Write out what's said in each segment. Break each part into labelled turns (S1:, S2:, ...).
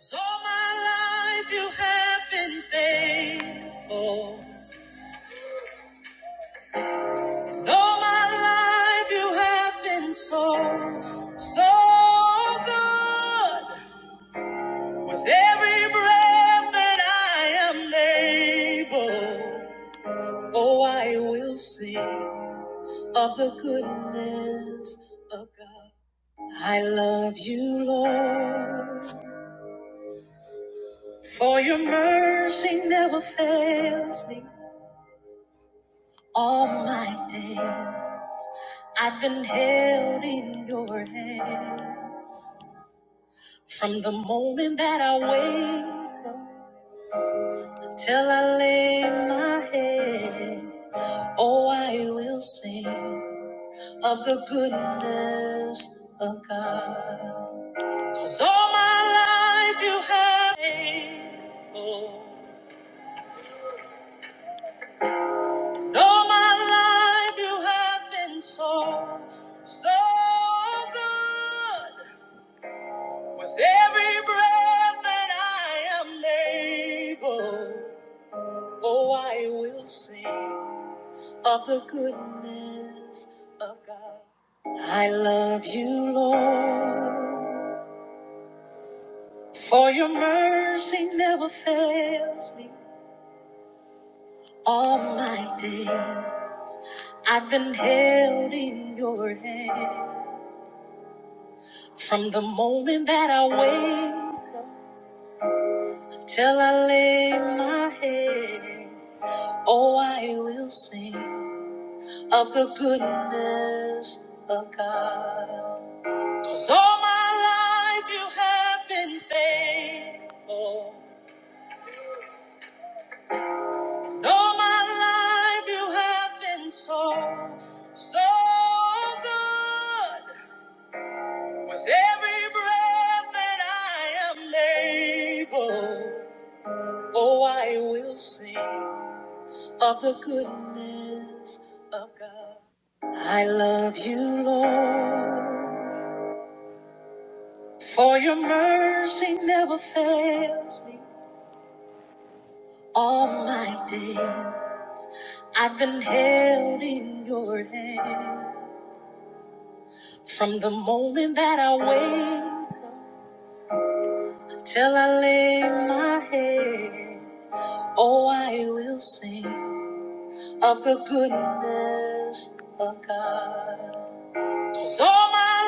S1: So my life you have been faithful. And all my life you have been so, so good. With every breath that I am able, oh, I will sing of the goodness of God. I love you, Lord, for your mercy never fails me all my days. I've been held in your hand from the moment that I wake up till I lay my head. Oh, I will sing of the goodness of God. 'Cause all my life you have been faithful. And all my life you have been so, so good. With every breath that I am able, oh, I will sing of the goodness of God. I love you, Lord, for your mercy never fails me. All my day, I've been held in your hand from the moment that I wake up till I lay my head. Oh, I will sing of the goodness of God. 'Cause all my life you have been faithful. And all my life you have been so, so good. With every breath that I am able, oh, I will sing. of the goodness of God. I love you, Lord, for your mercy never fails me. All my day, I've been held in your hand. From the moment that I wake up till I lay my head, oh, I will sing of the goodness of God. 'Cause all my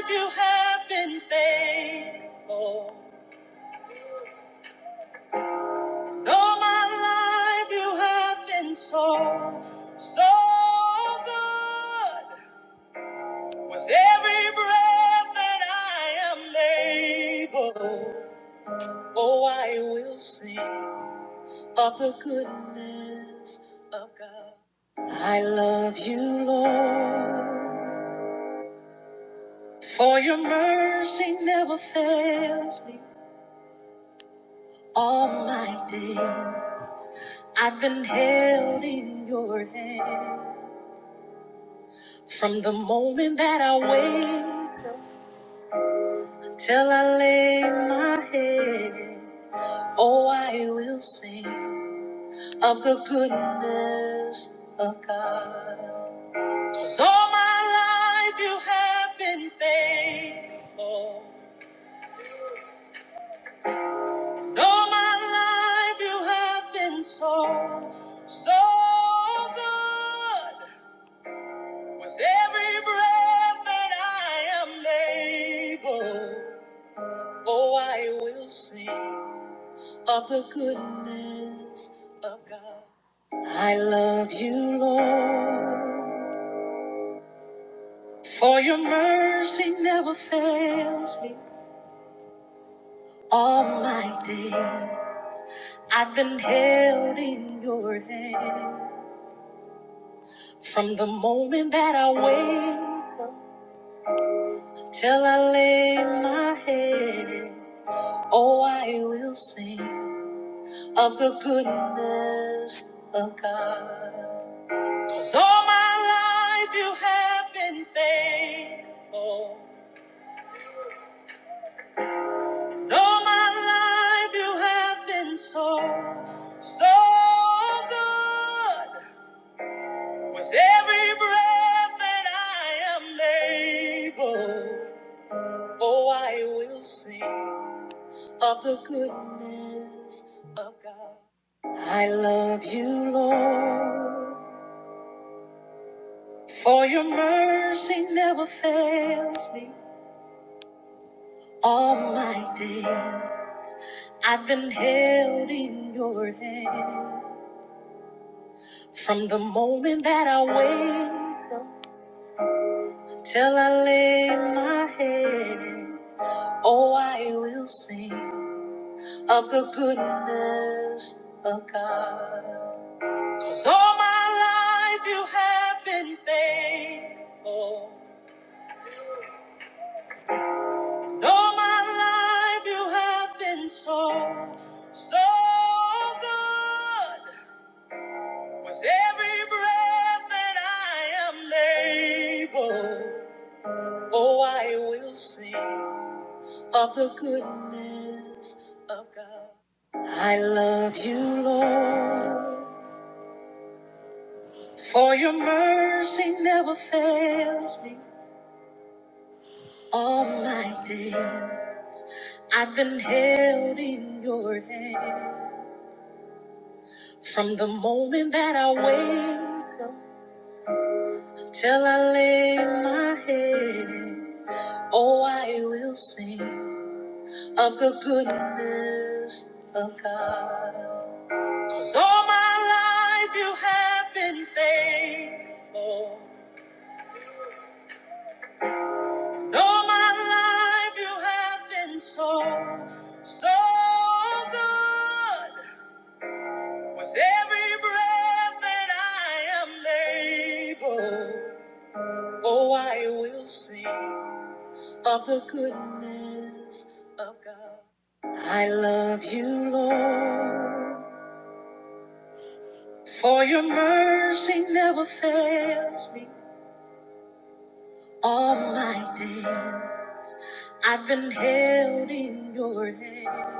S1: life you have been faithful. all my life you have been so, so good. With every breath that I am able, oh, I will sing of the goodness of God. I love you, Lord, for your mercy never fails me. All my day, I've been held in your hand. From the moment that I wake up till I lay my head, oh, I will sing of the goodness of God. 'Cause all my life you have been faithful. And all my life you have been so, so good. With every breath that I am able, oh, I will sing of the goodness of God. I love you, Lord, for your mercy never fails me. All my day, I've been held in your hand from the moment that I wake up till I lay my head. Oh, I will sing. of the goodness of God. 'Cause all my life you have been faithful. And all my life you have been so, so good. With every breath that I am able, oh, I will sing of the goodness of God. I love you, Lord For your mercy never fails me all my day. I've been held in your hand from the moment that I wake up till I lay my head. Oh, I will sing of the goodness of God, 'cause all my life you have been faithful. All my life you have been so, so good. With every breath that I am able, oh, I will sing of the goodness of God. I love you, Lord, for your mercy never fails me all my day. I've been held in your hand. From the moment that I wake up till I lay my head, oh, I will sing of the goodness of God. 'Cause all my life you have been faithful. And all my life you have been so, so good. With every breath that I am able. Oh, I will sing of the goodness of God. I love you, Lord, for your mercy never fails me. All my day, I've been held in your hand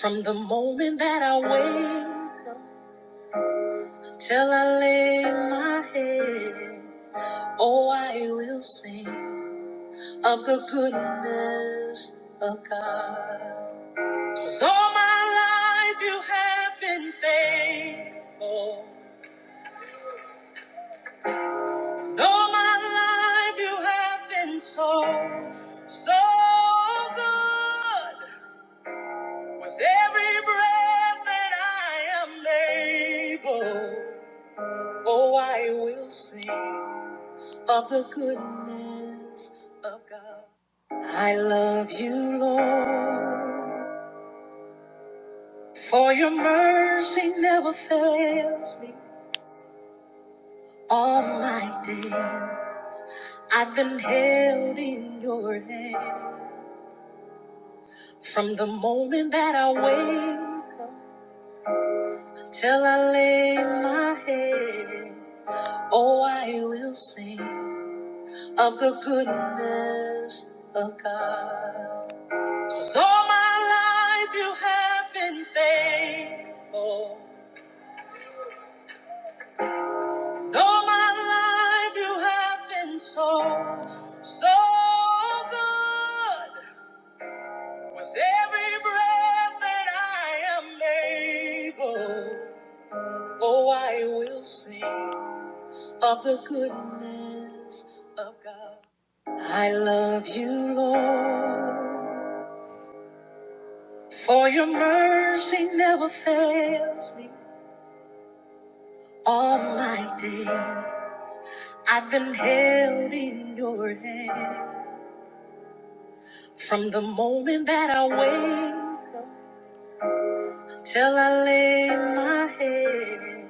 S1: from the moment that I wake up till I lay my head. Oh, I will sing of the goodness of God. 'Cause all my life you have been faithful. And all my life you have been so, so good. With every breath that I am able, oh, I will sing of the goodness of God. I love you, Lord, for your mercy never fails me. All my day, I've been held in your hand from the moment that I wake up till I lay my head. Oh, I will sing of the goodness of God, 'cause all my life you have been faithful. And all my life you have been so, so good. With every breath that I am able, oh, I will sing of the goodness of God. I love you, Lord, for your mercy never fails me. All my day, I've been held in your hand from the moment that I wake up till I lay my head.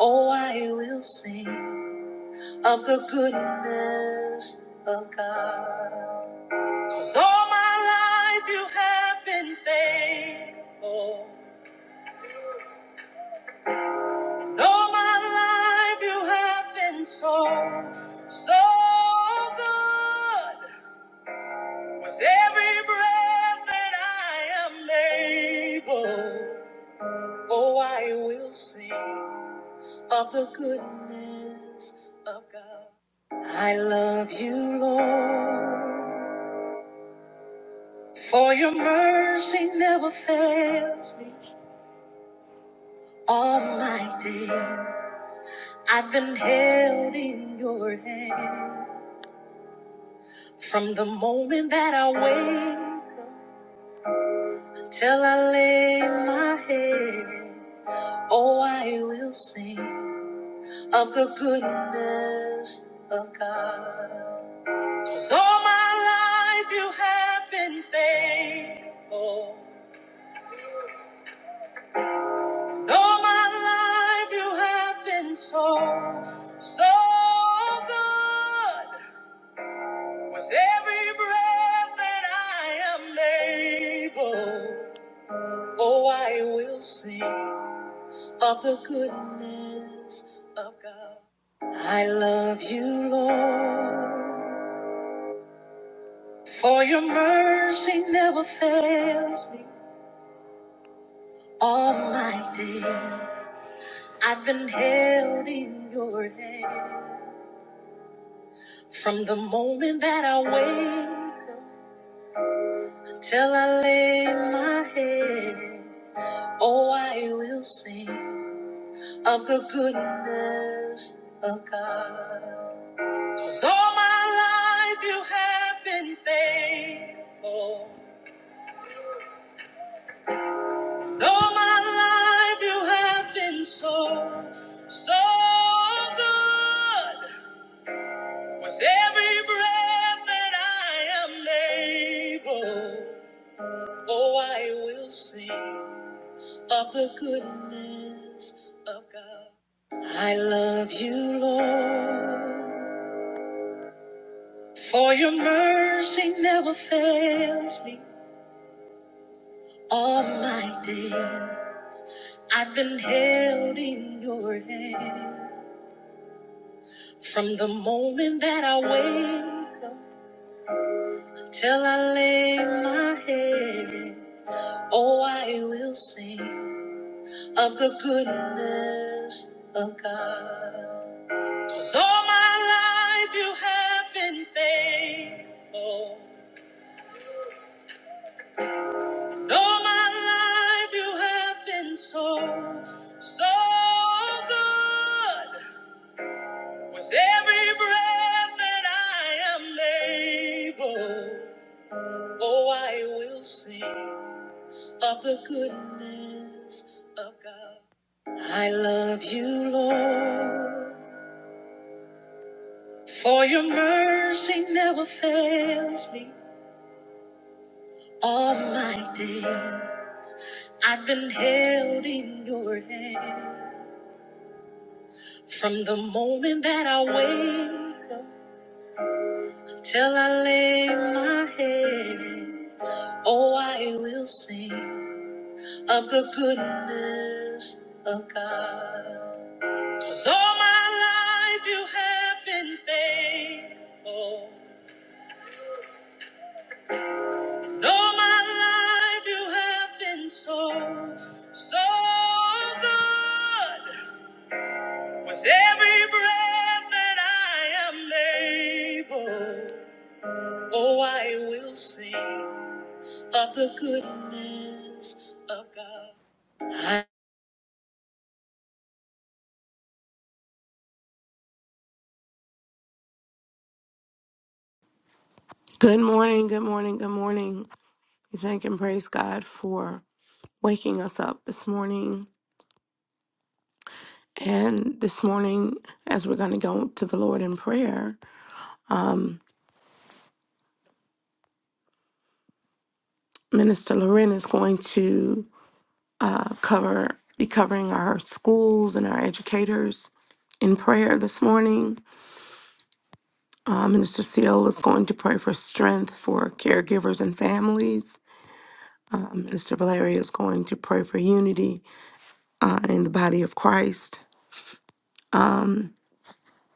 S1: Oh, I will sing of the goodness of God. 'Cause all my life you have been faithful. And all my life you have been so, so good. With every breath that I am able, oh, I will sing. of the goodness of God. I love you, Lord, for your mercy never fails me. All my days I've been held in your hand. From the moment that I wake up till I lay my head, oh, I will sing of the goodness of God. 'Cause all my life you have been faithful. All my life you have been so, so good. With every breath that I am able, oh, I will sing of the goodness of God. I love you, Lord, for your mercy never fails me. All my days, I've been held in your hand. From the moment that I wake up till I lay my head, oh, I will sing of the goodness of God, 'cause all my life you have been faithful. And all my life you have been so, so good. With every breath that I am able, oh, I will sing of the goodness of God. I love you, Lord, for your mercy never fails me. All my day, I've been held in your hand from the moment that I wake up till I lay my head. Oh, I will sing of the goodness of God. Cause all my life you have been faithful. And all my life you have been so, so good. With every breath that I am able, oh, I will sing of the goodness of God. I love you, Lord, for your mercy never fails me. All my day, I've been held in your hand from the moment that I wake up till I lay my head. Oh, I will sing of the goodness of God, 'cause all my life you have been faithful. All my life you have been so, so good. With every breath that I am able, oh, I will sing of the goodness of God.
S2: Good morning, good morning, good morning. We thank and praise God for waking us up this morning. And this morning, as we're going to go to the Lord in prayer, um, Minister Loren is going to uh, cover be covering our schools and our educators in prayer this morning. Uh, Minister Seal is going to pray for strength for caregivers and families. Uh, Minister Valeria is going to pray for unity uh, in the body of Christ. Um,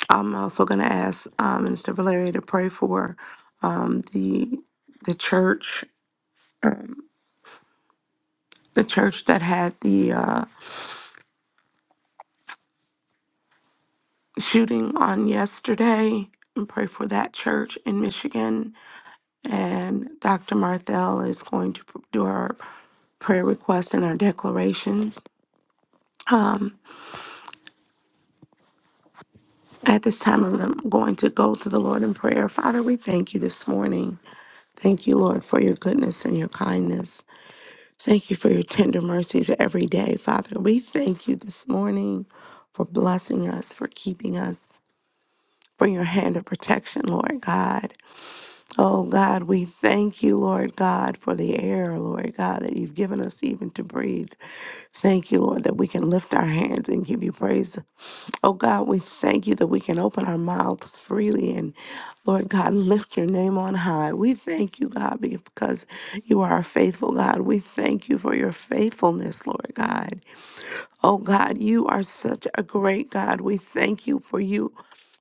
S2: I'm also going to ask um, Minister Valeria to pray for um, the the church, the church that had the uh, shooting on yesterday, and pray for that church in Michigan. And Dr. Marthel is going to do our prayer requests and our declarations. At this time, I'm going to go to the Lord in prayer. Father, we thank you this morning. Thank you, Lord, for your goodness and your kindness. Thank you for your tender mercies every day, Father. We thank you this morning for blessing us, for keeping us, for your hand of protection, Lord God. Oh God, we thank you, Lord God, for the air, Lord God, that you've given us even to breathe. Thank you, Lord, that we can lift our hands and give you praise. Oh God, we thank you that we can open our mouths freely and, Lord God, lift your name on high. We thank you, God, because you are a faithful God. We thank you for your faithfulness, Lord God. Oh God, you are such a great God. We thank you for you.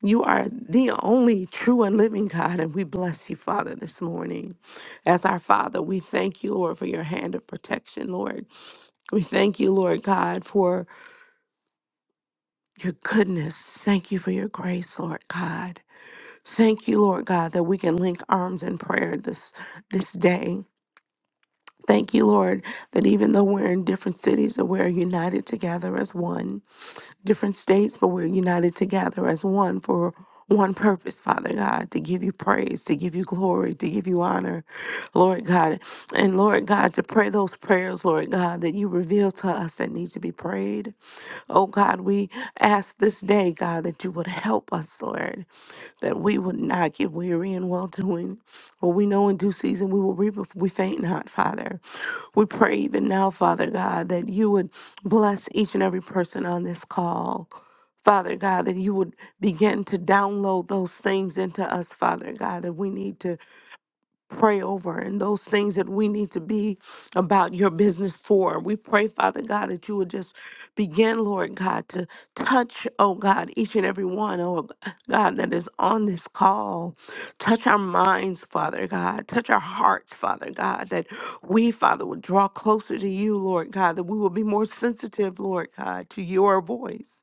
S2: You are the only true and living God, and we bless you, Father, this morning. As our Father, we thank you, Lord, for your hand of protection, Lord. We thank you, Lord God, for your goodness. Thank you for your grace, Lord God. Thank you, Lord God, that we can link arms in prayer this this day. Thank you, Lord, that even though we're in different cities, that we're united together as one. different states, but we're united together as one for one purpose, Father God, to give you praise, to give you glory, to give you honor, Lord God. And Lord God, to pray those prayers, Lord God, that you reveal to us that need to be prayed. Oh God, we ask this day, God, that you would help us, Lord, that we would not get weary in well doing. For we know in due season we will reap if we faint not, Father. We pray even now, Father God, that you would bless each and every person on this call. Father God, that you would begin to download those things into us, Father God, that we need to pray over and those things that we need to be about your business for. We pray, Father God, that you would just begin, Lord God, to touch, oh God, each and every one, oh God, that is on this call. Touch our minds, Father God. Touch our hearts, Father God, that we, Father, would draw closer to you, Lord God, that we will be more sensitive, Lord God, to your voice,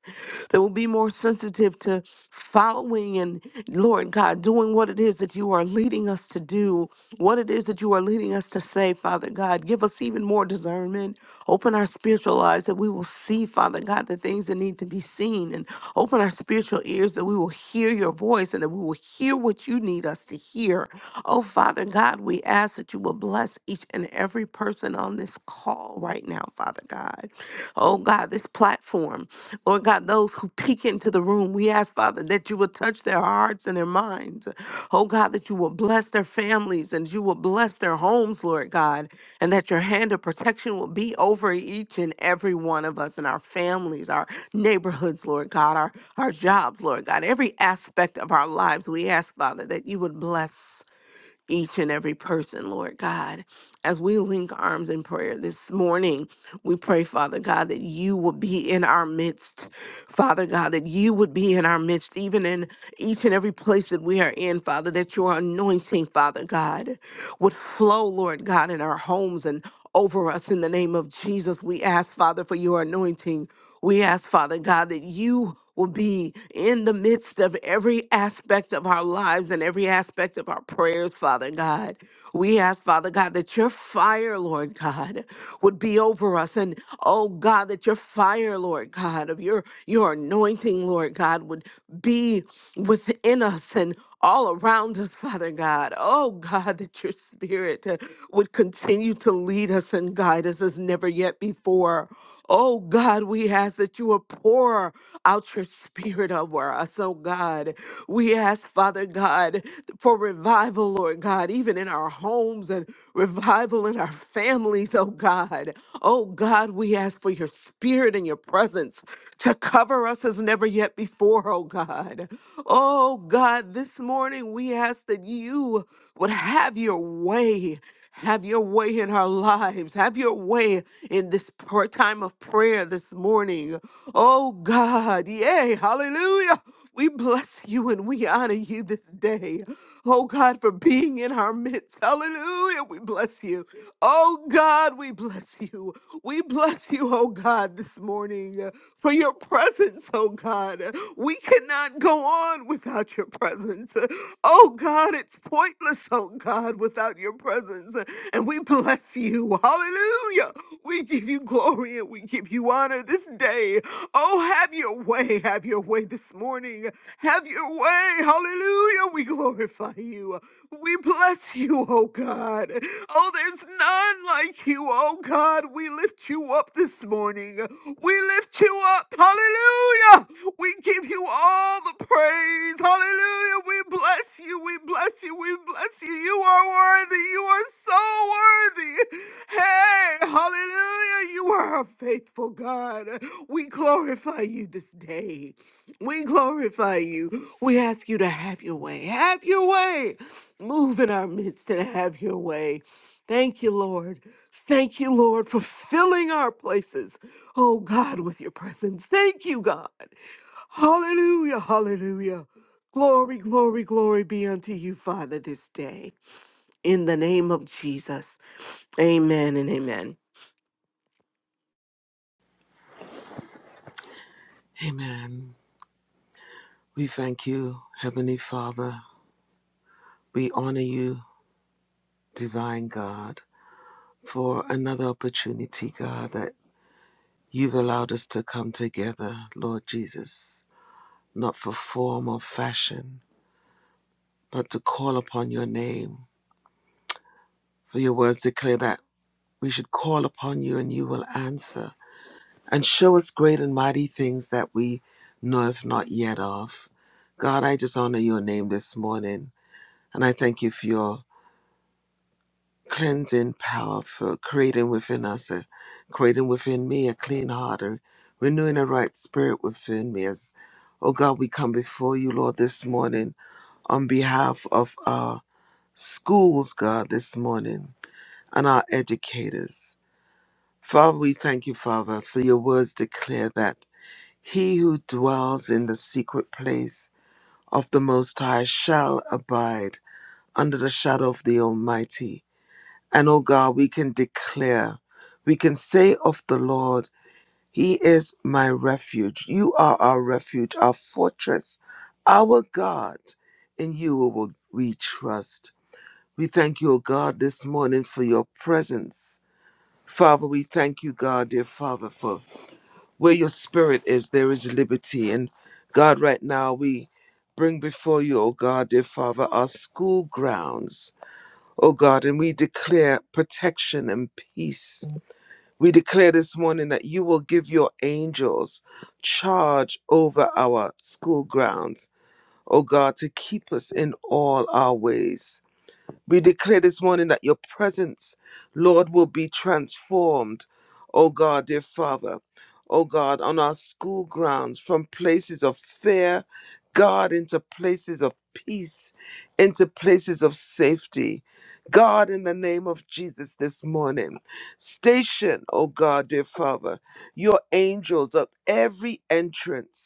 S2: that we'll be more sensitive to following and. Lord God, doing what it is that you are leading us to do, what it is that you are leading us to say, Father God. Give us even more discernment. Open our spiritual eyes that we will see, Father God, the things that need to be seen, and open our spiritual ears that we will hear your voice and that we will hear what you need us to hear. Oh, Father God, we ask that you will bless each and every person on this call right now, Father God. God. Oh God, this platform. Lord God, those who peek into the room, we ask, Father, that you will touch their hearts and their minds. Oh God, that you will bless their families and you will bless their homes, Lord God, and that your hand of protection will be over each and every one of us and our families, our neighborhoods, Lord God, our, our jobs, Lord God, every aspect of our lives. We ask, Father, that you would bless each and every person, Lord God. As we link arms in prayer this morning, we pray, Father God, that you would be in our midst. Father God, that you would be in our midst, even in each and every place that we are in, Father, that your anointing, Father God, would flow, Lord God, in our homes and over us in the name of Jesus. We ask, Father, for your anointing. We ask, Father God, that you will be in the midst of every aspect of our lives and every aspect of our prayers, Father God. We ask, Father God, that your fire, Lord God, would be over us. And oh God, that your fire, Lord God, of your your anointing, Lord God, would be within us and all around us, Father God. Oh God, that your spirit uh, would continue to lead us and guide us as never yet before. Oh God, we ask that you will pour out your spirit over us, oh God. We ask, Father God, for revival, Lord God, even in our homes and revival in our families, oh God. Oh God, we ask for your spirit and your presence to cover us as never yet before, oh God. Oh God, this morning we ask that you you would have your way. Have your way in our lives. Have your way in this pr- time of prayer this morning. Oh God, yay, hallelujah. We bless you and we honor you this day. Oh God, for being in our midst. Hallelujah, we bless you. Oh God, we bless you. We bless you, oh God, this morning for your presence, oh God. We cannot go on without your presence. Oh God, it's pointless, oh God, without your presence. And we bless you. Hallelujah. We give you glory and we give you honor this day. Oh, have your way. Have your way this morning. Have your way. Hallelujah. We glorify you. We bless you, oh God. God. Oh, there's none like you, oh God. We lift you up this morning. We lift you up. Hallelujah. We give you all the praise. Hallelujah. We bless you. We bless you. We bless you. You are worthy. You are so worthy. Hey, hallelujah. You are a faithful God. We glorify you this day. We glorify you. We ask you to have your way. Have your way. Move in our midst and have your way. Thank you, Lord. Thank you, Lord, for filling our places, oh God, with your presence. Thank you, God. Hallelujah, hallelujah. Glory, glory, glory be unto you, Father, this day. In the name of Jesus. Amen and amen.
S1: Amen. We thank you, Heavenly Father. We honor you, Divine God, for another opportunity, God, that you've allowed us to come together, Lord Jesus not for form or fashion, but to call upon your name. For your words declare that we should call upon you and you will answer and show us great and mighty things that we know if not yet of. God, I just honor your name this morning and I thank you for your cleansing power, for creating within us, a, creating within me a clean heart, and renewing a right spirit within me. As, oh God, we come before you, Lord, this morning on behalf of our. schools, God, this morning and our educators. Father, we thank you, Father, for your words declare that he who dwells in the secret place of the Most High shall abide under the shadow of the Almighty. And, O God, we can declare, we can say of the Lord, He is my refuge. You are our refuge, our fortress, our God. In you will we trust. We thank you, O God, this morning for your presence. Father, we thank you, God, dear Father, for where your spirit is, there is liberty. And God, right now we bring before you, O God, dear Father, our school grounds, O God, and we declare protection and peace. We declare this morning that you will give your angels charge over our school grounds, O God, to keep us in all our ways. We declare this morning that your presence, Lord, will be transformed, oh God, dear Father, oh God, on our school grounds from places of fear, God, into places of peace, into places of safety. God, in the name of Jesus this morning, station, oh God, dear Father, your angels at every entrance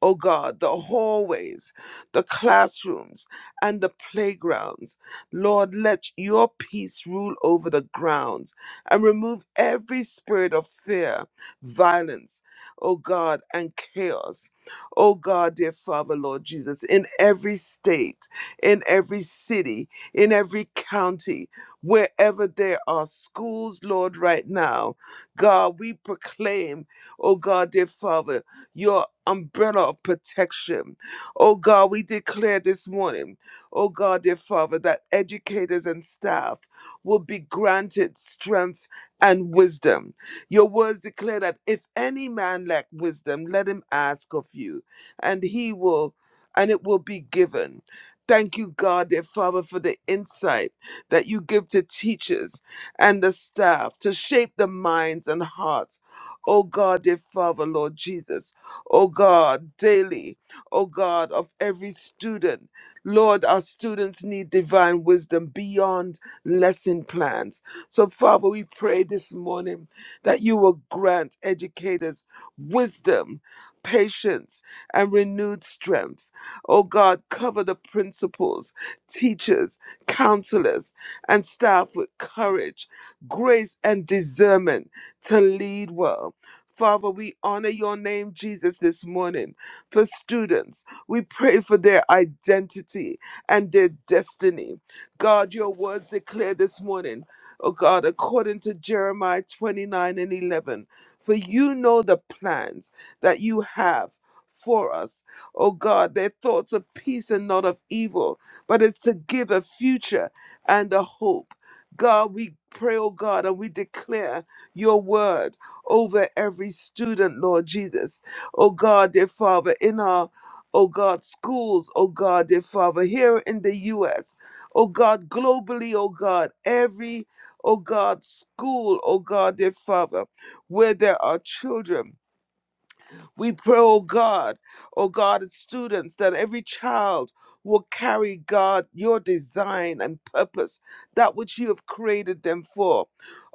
S1: O God, the hallways, the classrooms, and the playgrounds. Lord, let your peace rule over the grounds and remove every spirit of fear, violence, O God, and chaos. O God, dear Father, Lord Jesus, in every state, in every city, in every county, wherever there are schools, Lord, right now, God, we proclaim, O God, dear Father your umbrella of protection. Oh God, we declare this morning, oh God, dear Father, that educators and staff will be granted strength and wisdom. Your words declare that if any man lack wisdom, let him ask of you, and he will, and it will be given. Thank you, God, dear Father, for the insight that you give to teachers and the staff to shape the minds and hearts. Oh God, dear Father, Lord Jesus, oh God, daily, oh God, of every student. Lord, our students need divine wisdom beyond lesson plans. So, Father, we pray this morning that you will grant educators wisdom, patience, and renewed strength. Oh God, cover the principals, teachers, counselors, and staff with courage, grace, and discernment to lead well. Father, we honor your name, Jesus, this morning. For students, we pray for their identity and their destiny. God, your words declare this morning, oh God, according to Jeremiah 29 and 11, for you know the plans that you have for us. Oh God, their thoughts of peace and not of evil, but it's to give a future and a hope. God, we pray, oh God, and we declare your word over every student, Lord Jesus. Oh God, dear Father, in our, oh God, schools, oh God, dear Father, here in the U.S., oh God, globally, oh God, every, oh God, school, oh God, dear Father, where there are children. We pray, oh God, oh God, as students, that every child will carry, God, your design and purpose, that which you have created them for,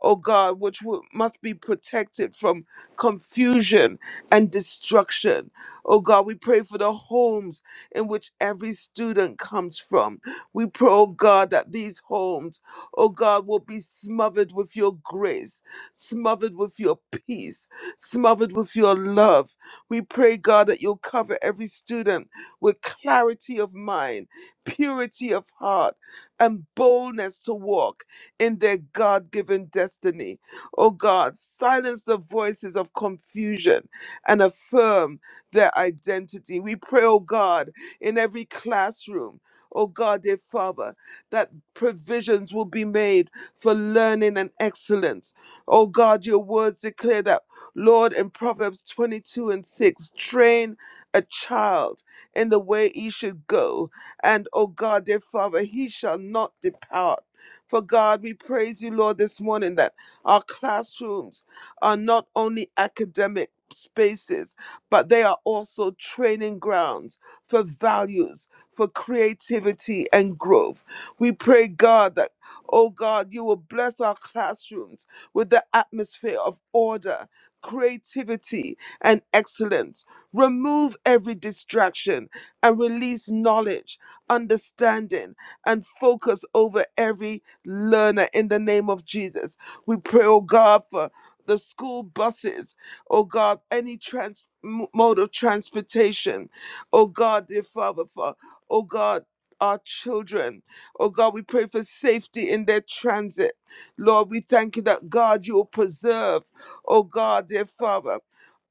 S1: oh God, which will, must be protected from confusion and destruction. Oh God, we pray for the homes in which every student comes from. We pray, oh God, that these homes, oh God, will be smothered with your grace, smothered with your peace, smothered with your love we pray, God, that you'll cover every student with clarity of mind, purity of heart, and boldness to walk in their God given destiny. Oh God, silence the voices of confusion and affirm their identity. We pray, oh God, in every classroom. Oh God, dear Father, that provisions will be made for learning and excellence. Oh God, your words declare that Lord, in Proverbs 22 and 6, train a child in the way he should go, and, O God, their Father, he shall not depart. For God, we praise you, Lord, this morning that our classrooms are not only academic spaces, but they are also training grounds for values, for creativity and growth. We pray, God, that, oh God, you will bless our classrooms with the atmosphere of order creativity, and excellence. Remove every distraction and release knowledge, understanding, and focus over every learner in the name of Jesus. We pray, oh God, for the school buses, oh God, any trans- m- mode of transportation, oh God, dear Father, for, oh God, our children. Oh God, we pray for safety in their transit. Lord, we thank you that God, you will preserve oh God, dear Father,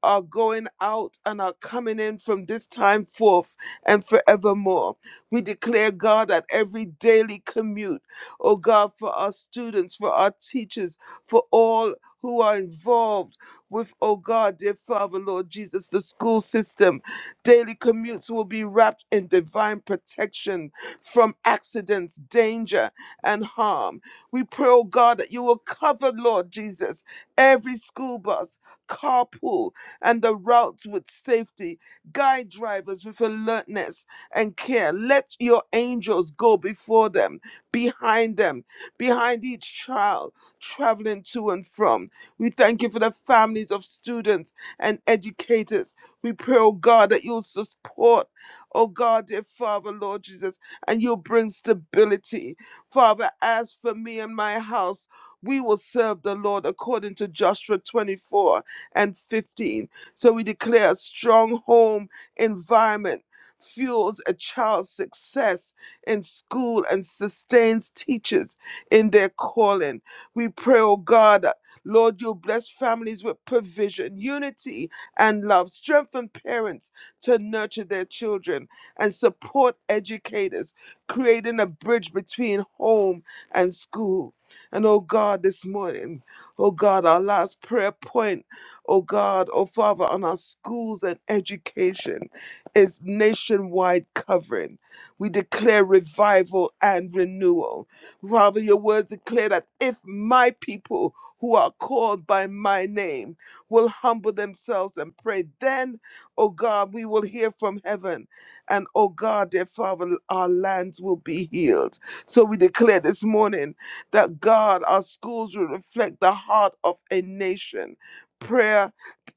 S1: are going out and are coming in from this time forth and forevermore. We declare, God, that every daily commute, oh God, for our students, for our teachers, for all who are involved with, oh God, dear Father, Lord Jesus, the school system, daily commutes will be wrapped in divine protection from accidents, danger, and harm. We pray, oh God, that you will cover, Lord Jesus. Every school bus, carpool, and the routes with safety, guide drivers with alertness and care. Let your angels go before them, behind them, behind each child traveling to and from. We thank you for the families of students and educators. We pray, oh God, that you'll support, oh God, dear Father, Lord Jesus, and you'll bring stability. Father, as for me and my house, we will serve the Lord according to Joshua 24 and 15. So we declare a strong home environment fuels a child's success in school and sustains teachers in their calling. We pray, oh God, that, Lord, you bless families with provision, unity, and love. Strengthen parents to nurture their children and support educators, creating a bridge between home and school. And oh God, this morning, oh God, our last prayer point, oh God, oh Father, on our schools and education is nationwide covering. We declare revival and renewal. Father, your words declare that if my people who are called by my name will humble themselves and pray, then, oh God, we will hear from heaven. And oh God, dear Father, our lands will be healed. So we declare this morning that God, our schools will reflect the heart of a nation. Prayer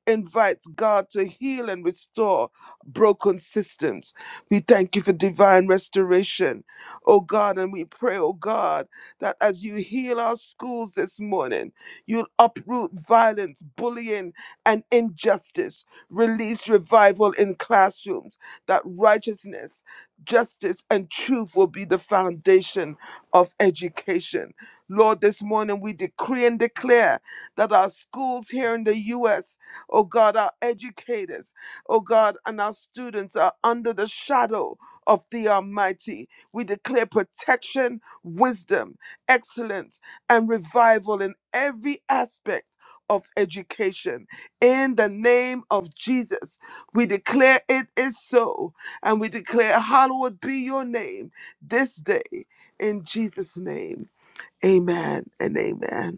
S1: invites God to heal and restore broken systems. We thank you for divine restoration, oh God, and we pray, oh God, that as you heal our schools this morning, you'll uproot violence, bullying, and injustice, release revival in classrooms, that righteousness, justice, and truth will be the foundation of education. Lord, this morning we decree and declare that our schools here in the U.S Oh God, our educators, oh God, and our students are under the shadow of the Almighty. We declare protection, wisdom, excellence, and revival in every aspect of education. In the name of Jesus, we declare it is so, and we declare, Hallowed be your name this day. In Jesus' name, amen and amen.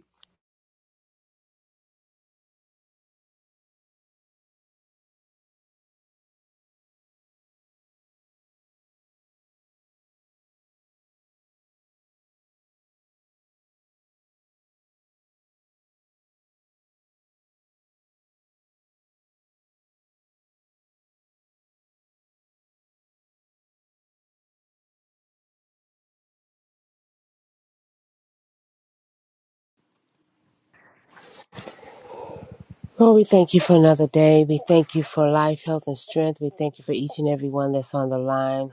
S3: Lord, we thank you for another day. We thank you for life, health, and strength. We thank you for each and every one that's on the line.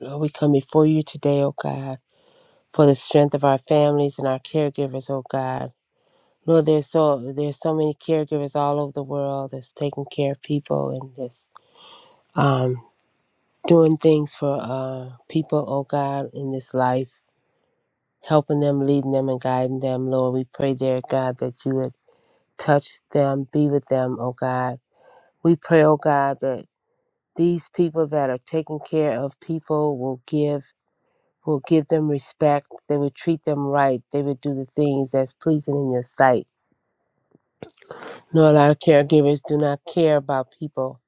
S3: Lord, we come before you today, oh God, for the strength of our families and our caregivers, oh God. Lord, there's so there's so many caregivers all over the world that's taking care of people and that's um, doing things for uh, people, oh God, in this life, helping them, leading them, and guiding them. Lord, we pray, there, God, that you would touch them, be with them, oh God. We pray, oh God, that these people that are taking care of people will give will give them respect they will treat them right they will do the things that's pleasing in your sight no a lot of caregivers do not care about people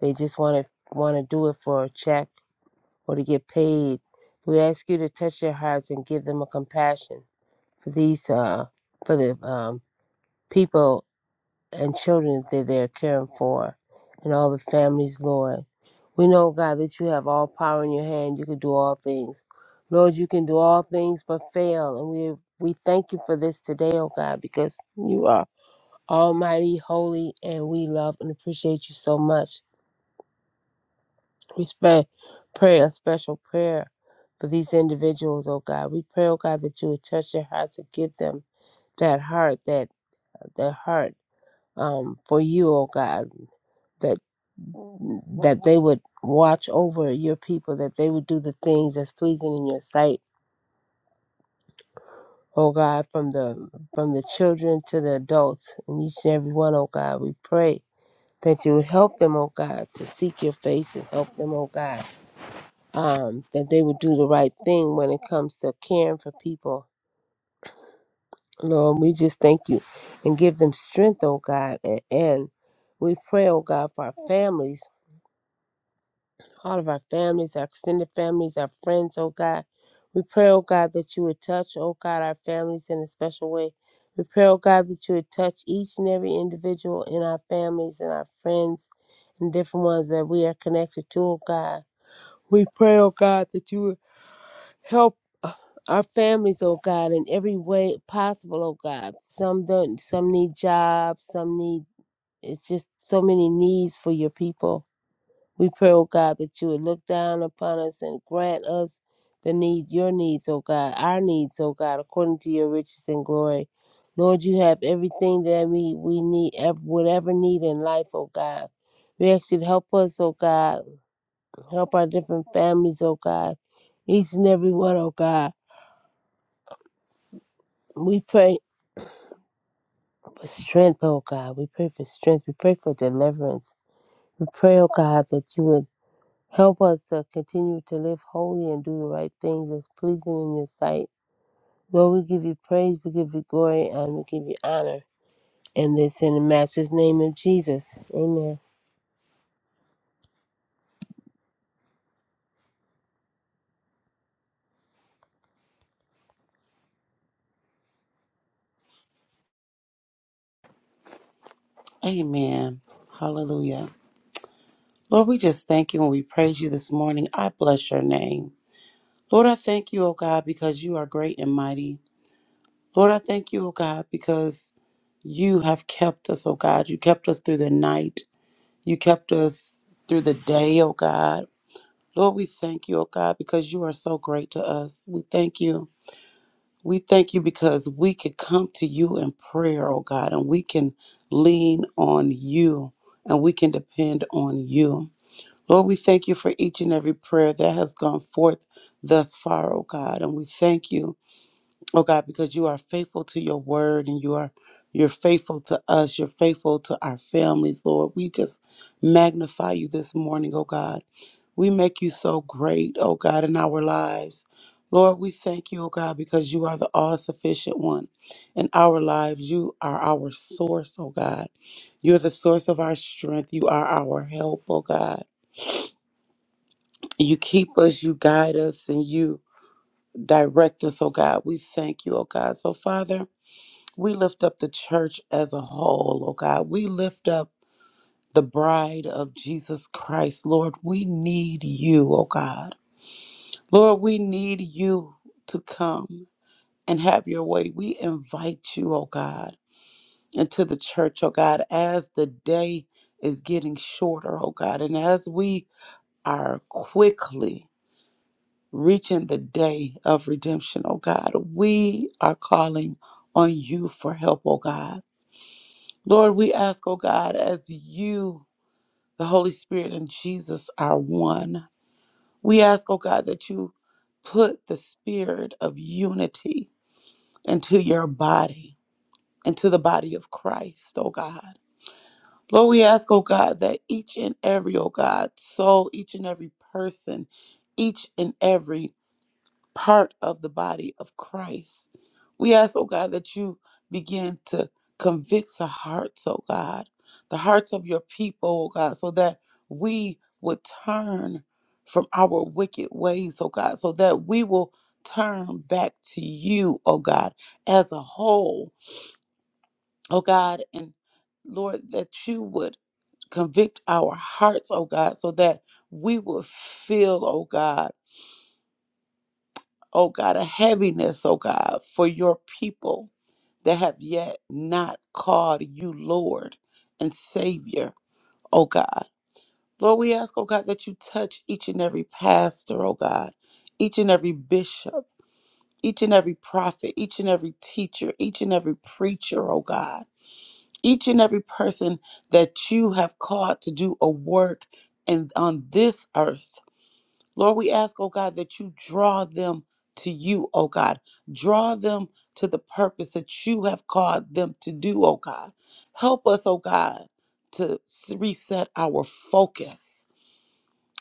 S3: they just want to want to do it for a check or to get paid we ask you to touch their hearts and give them a compassion for these uh for the um people and children that they're caring for and all the families, Lord. We know, God, that you have all power in your hand. You can do all things. Lord, you can do all things but fail. And we we thank you for this today, oh God, because you are almighty, holy, and we love and appreciate you so much. We spe- pray a special prayer for these individuals, oh God. We pray, oh God, that you would touch their hearts and give them that heart, that that heart um, for you, oh God. that that they would watch over your people, that they would do the things that's pleasing in your sight, oh God, from the from the children to the adults and each and every one, oh God, we pray that you would help them, oh God, to seek your face and help them, oh God. Um, that they would do the right thing when it comes to caring for people. Lord, we just thank you and give them strength, oh God, and, and we pray, oh God, for our families all of our families, our extended families, our friends, oh God. We pray, oh God, that you would touch, oh God, our families in a special way. We pray, oh God, that you would touch each and every individual in our families and our friends and different ones that we are connected to, oh God. We pray, oh God, that you would help uh, our families, oh God, in every way possible, oh God. Some don't some need jobs, some need it's just so many needs for your people. We pray, O God, that you would look down upon us and grant us the need, your needs, O God, our needs, O God, according to your riches and glory. Lord, you have everything that we, we need, ev- whatever need in life, O God. We ask you to help us, O God, help our different families, O God, each and every one, oh God. We pray for strength, O God. We pray for strength. We pray for deliverance. We pray, O God, that you would Help us to continue to live holy and do the right things that's pleasing in your sight. Lord, we give you praise, we give you glory, and we give you honor. And this in the Master's name of Jesus. Amen.
S4: Amen. Hallelujah. Lord, we just thank you and we praise you this morning. I bless your name. Lord, I thank you, O God, because you are great and mighty. Lord, I thank you, O God, because you have kept us, O God. You kept us through the night. You kept us through the day, O God. Lord, we thank you, O God, because you are so great to us. We thank you. We thank you because we could come to you in prayer, O God, and we can lean on you and we can depend on you. Lord, we thank you for each and every prayer that has gone forth thus far, oh God. And we thank you, oh God, because you are faithful to your word and you are you're faithful to us. You're faithful to our families, Lord. We just magnify you this morning, oh God. We make you so great, oh God, in our lives. Lord, we thank you, oh God, because you are the all sufficient one in our lives. You are our source, oh God. You're the source of our strength. You are our help, oh God. You keep us, you guide us, and you direct us, oh God. We thank you, oh God. So, Father, we lift up the church as a whole, oh God. We lift up the bride of Jesus Christ, Lord. We need you, oh God. Lord, we need you to come and have your way. We invite you, oh God, into the church, oh God, as the day is getting shorter, oh God, and as we are quickly. reaching the day of redemption, oh God. We are calling on you for help, oh God. Lord, we ask, oh God, as you, the Holy Spirit, and Jesus are one, we ask, oh God, that you put the spirit of unity into your body, into the body of Christ, oh God. Lord, we ask, oh God, that each and every, oh God, soul, each and every person, each and every part of the body of Christ. We ask, oh God, that you begin to convict the hearts, oh God, the hearts of your people, oh God, so that we would turn from our wicked ways, oh God, so that we will turn back to you, oh God, as a whole, oh God, and Lord, that you would convict our hearts, oh God, so that we will feel, oh God oh God, a heaviness, oh God, for your people that have yet not called you Lord and Savior, oh God. Lord, we ask, oh God, that you touch each and every pastor, oh God, each and every bishop, each and every prophet, each and every teacher, each and every preacher, oh God, each and every person that you have called to do a work and on this earth Lord, we ask, oh God, that you draw them to you, oh God. Draw them to the purpose that you have called them to do, oh God. Help us, oh God, to s- reset our focus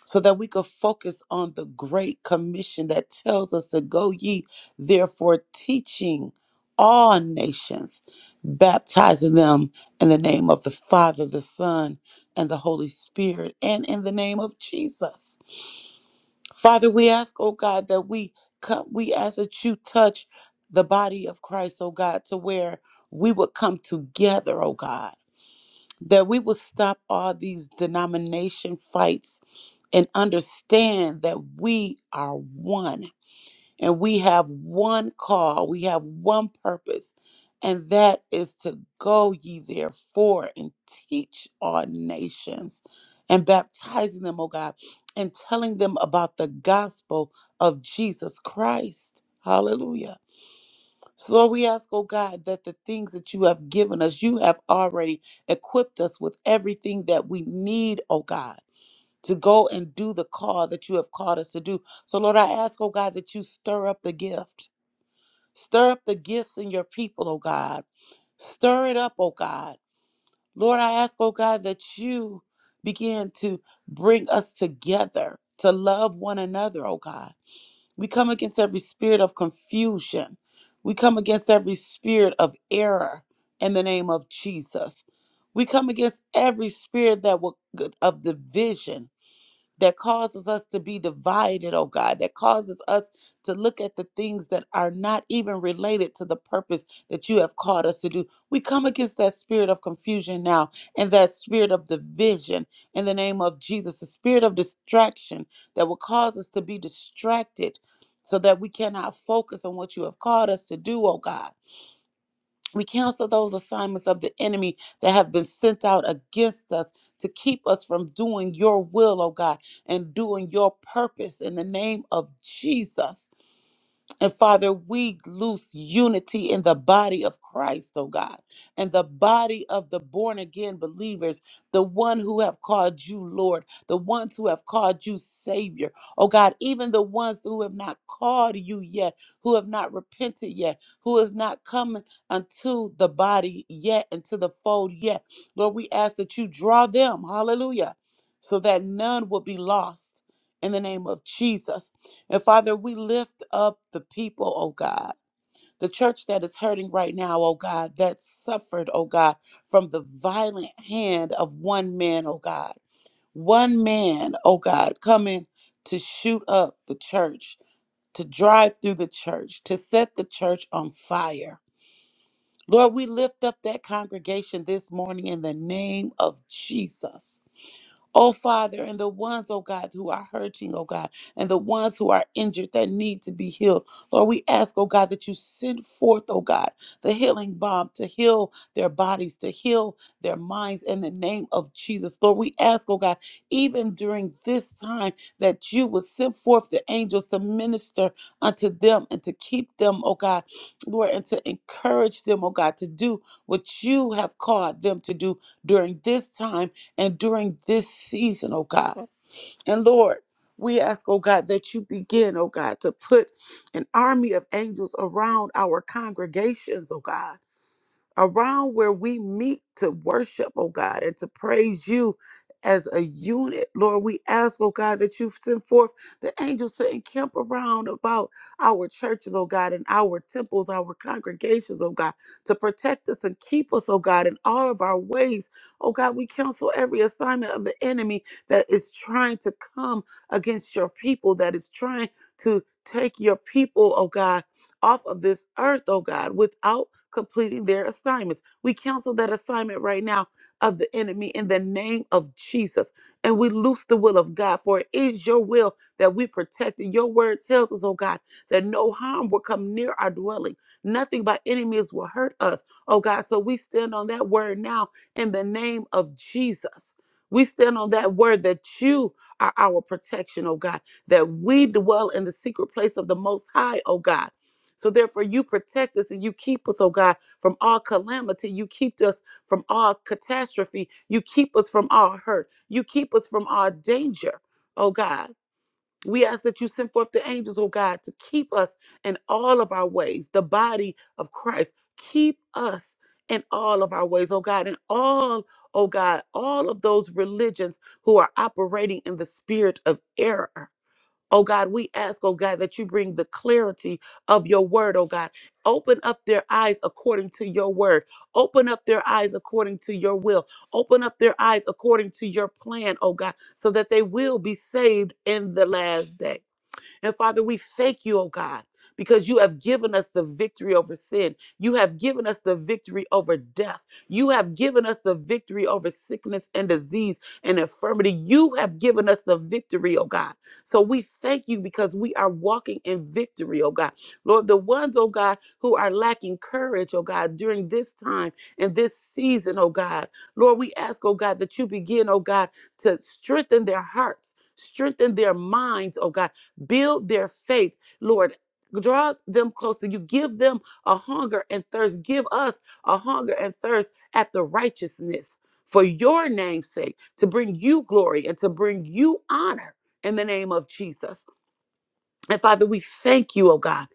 S4: so that we could focus on the great commission that tells us to go ye, therefore, teaching all nations, baptizing them in the name of the Father, the Son, and the Holy Spirit, and in the name of Jesus. Father, we ask, oh God, that we come, we ask that you touch the body of Christ, oh God, to where we would come together, oh God, that we would stop all these denomination fights and understand that we are one and we have one call, we have one purpose, and that is to go ye therefore and teach all nations and baptizing them, oh God, and telling them about the gospel of Jesus Christ. Hallelujah. So, Lord, we ask, oh God, that the things that you have given us, you have already equipped us with everything that we need, oh God, to go and do the call that you have called us to do. So, Lord, I ask, oh God, that you stir up the gift. Stir up the gifts in your people, oh God. Stir it up, oh God. Lord, I ask, oh God, that you begin to bring us together to love one another, oh God. We come against every spirit of confusion. We come against every spirit of error in the name of Jesus. We come against every spirit that will of division that causes us to be divided, oh God, that causes us to look at the things that are not even related to the purpose that you have called us to do. We come against that spirit of confusion now and that spirit of division in the name of Jesus, the spirit of distraction that will cause us to be distracted so that we cannot focus on what you have called us to do, oh God. We cancel those assignments of the enemy that have been sent out against us to keep us from doing your will, oh God, and doing your purpose in the name of Jesus. And Father, we loose unity in the body of Christ, oh God, and the body of the born again believers, the one who have called you Lord, the ones who have called you Savior, oh God, even the ones who have not called you yet, who have not repented yet, who has not come unto the body yet, into the fold yet. Lord, we ask that you draw them, hallelujah, so that none will be lost in the name of Jesus. And Father, we lift up the people, oh God, the church that is hurting right now, oh God, that suffered, oh God, from the violent hand of one man, oh God. One man, oh God, coming to shoot up the church, to drive through the church, to set the church on fire. Lord, we lift up that congregation this morning in the name of Jesus. Oh, Father, and the ones, oh God, who are hurting, oh God, and the ones who are injured that need to be healed. Lord, we ask, oh God, that you send forth, oh God, the healing balm to heal their bodies, to heal their minds in the name of Jesus. Lord, we ask, oh God, even during this time, that you will send forth the angels to minister unto them and to keep them, oh God, Lord, and to encourage them, oh God, to do what you have called them to do during this time and during this season, oh God. And Lord, we ask, oh God, that you begin, oh God, to put an army of angels around our congregations, oh God around where we meet to worship, oh God, and to praise you as a unit. Lord, we ask, oh God, that you send forth the angels to encamp around about our churches, oh God, and our temples, our congregations, oh God, to protect us and keep us, oh God, in all of our ways. Oh God, we counsel every assignment of the enemy that is trying to come against your people, that is trying to take your people, oh God off of this earth, oh God, without completing their assignments. We cancel that assignment right now of the enemy in the name of Jesus. And we loose the will of God, for it is your will that we protect it. Your word tells us, oh God, that no harm will come near our dwelling. Nothing by any means will hurt us, oh God. So we stand on that word now in the name of Jesus. We stand on that word that you are our protection, oh God, that we dwell in the secret place of the Most High, oh God so therefore, you protect us and you keep us, oh God, from all calamity. You keep us from all catastrophe. You keep us from all hurt. You keep us from all danger, oh God. We ask that you send forth the angels, oh God, to keep us in all of our ways, the body of Christ. Keep us in all of our ways, oh God, in all, oh God, all of those religions who are operating in the spirit of error. Oh God, we ask, oh God, that you bring the clarity of your word, oh God. Open up their eyes according to your word. Open up their eyes according to your will. Open up their eyes according to your plan, oh God, so that they will be saved in the last day. And Father, we thank you, oh God, because you have given us the victory over sin. You have given us the victory over death. You have given us the victory over sickness and disease and infirmity. You have given us the victory, oh God. So we thank you because we are walking in victory, oh God. Lord, the ones, oh God, who are lacking courage, oh God, during this time and this season, oh God. Lord, we ask, oh God, that you begin, oh God, to strengthen their hearts. Strengthen their minds, oh God build their faith, Lord. Draw them closer. You give them a hunger and thirst. Give us a hunger and thirst after righteousness for your name's sake, to bring you glory and to bring you honor in the name of Jesus. And Father, we thank you, oh God,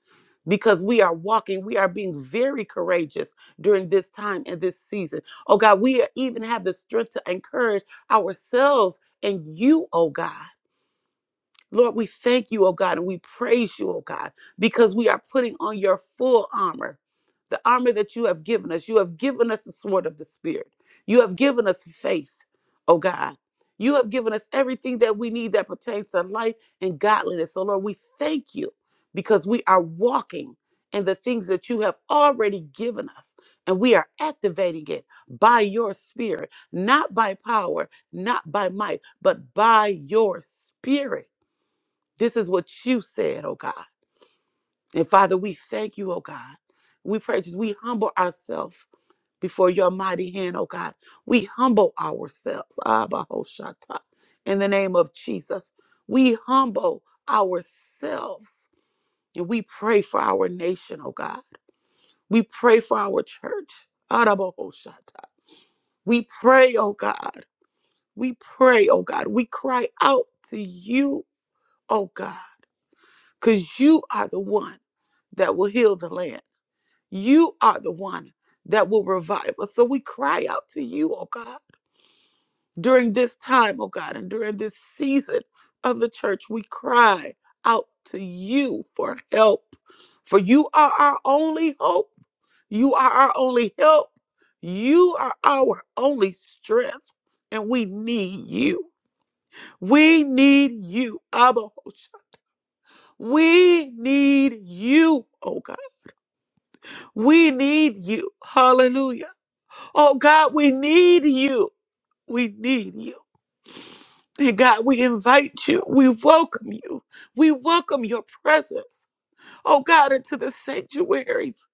S4: because we are walking, we are being very courageous during this time and this season. Oh God, we even have the strength to encourage ourselves and you, oh God. Lord, we thank you, oh God, and we praise you, oh God, because we are putting on your full armor, the armor that you have given us. You have given us the sword of the Spirit. You have given us faith, oh God. You have given us everything that we need that pertains to life and godliness. So, Lord, we thank you because we are walking in the things that you have already given us, and we are activating it by your Spirit, not by power, not by might, but by your Spirit. This is what you said, oh God. And Father, we thank you, oh God. We pray just we humble ourselves before your mighty hand, oh God. We humble ourselves. Abba Hoshata. In the name of Jesus. We humble ourselves. And we pray for our nation, oh God. We pray for our church. Araba Hoshata. We pray, oh God. We pray, oh God. We cry out to you, oh God. because you are the one that will heal the land. You are the one that will revive us. So we cry out to you, oh God, during this time, oh God, and during this season of the church, we cry out to you for help. For you are our only hope. You are our only help. You are our only strength, and we need you. We need you, Abba. Hosha. We need you, oh God. We need you. Hallelujah. Oh God, we need you. We need you. And God, we invite you. We welcome you. We welcome your presence. Oh God, into the sanctuaries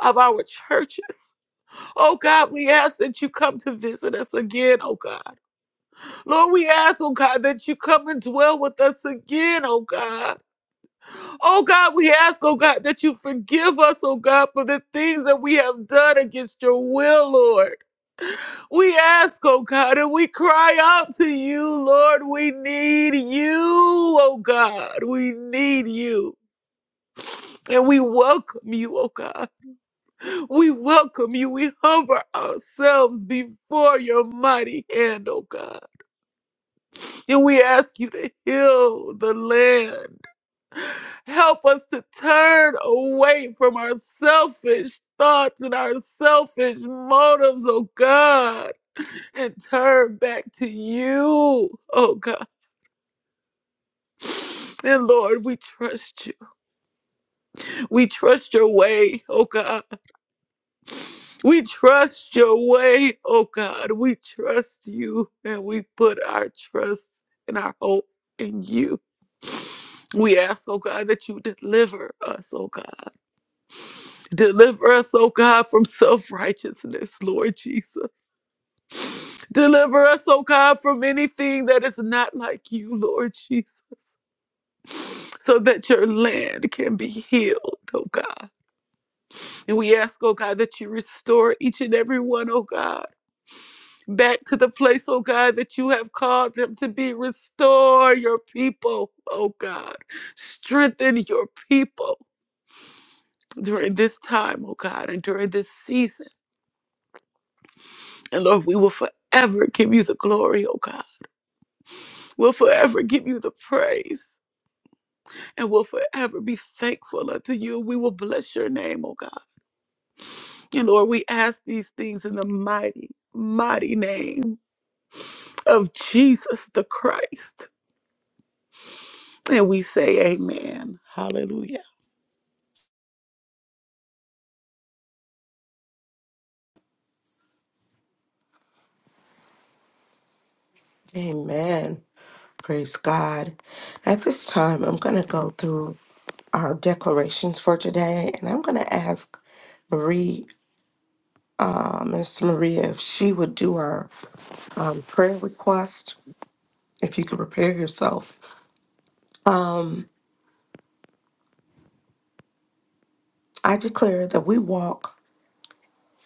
S4: of our churches. Oh God, we ask that you come to visit us again, oh God. Lord, we ask, oh God, that you come and dwell with us again, oh God. Oh God, we ask, oh God, that you forgive us, oh God, for the things that we have done against your will, Lord. We ask, oh God, and we cry out to you, Lord. We need you, oh God. We need you. And we welcome you, oh God. We welcome you. We humble ourselves before your mighty hand, oh God. And we ask you to heal the land. Help us to turn away from our selfish thoughts and our selfish motives, oh God and turn back to you, oh God. And Lord, we trust you. We trust your way, oh God. We trust your way, oh God. We trust you and we put our trust and our hope in you. We ask, oh God, that you deliver us, oh God. Deliver us, oh God, from self righteousness, Lord Jesus. Deliver us, oh God, from anything that is not like you, Lord Jesus. so that your land can be healed, oh God. And we ask, oh God, that you restore each and every one, oh God, back to the place, oh God, that you have called them to be. Restore your people, oh God. Strengthen your people during this time, oh God, and during this season. And Lord, we will forever give you the glory, oh God. We'll forever give you the praise. And we'll forever be thankful unto you. We will bless your name, oh God. And Lord, we ask these things in the mighty, mighty name of Jesus the Christ. And we say, Amen. Hallelujah.
S2: Amen. Praise God. At this time, I'm going to go through our declarations for today and I'm going to ask. Marie. Miss Maria, if she would do our um, prayer request, if you could prepare yourself. I declare that we walk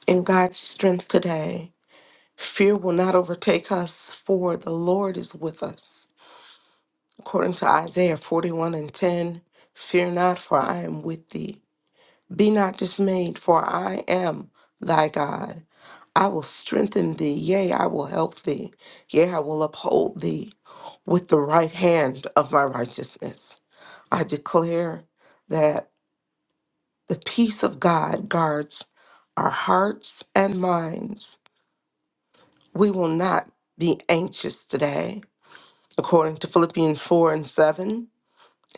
S2: in God's strength today. Fear will not overtake us, for the Lord is with us. According to Isaiah 41 and 10, fear not, for I am with thee. Be not dismayed, for I am thy God. I will strengthen thee, yea, I will help thee, yea, I will uphold thee with the right hand of my righteousness. I declare that the peace of God guards our hearts and minds. We will not be anxious today, according to Philippians 4 and 7.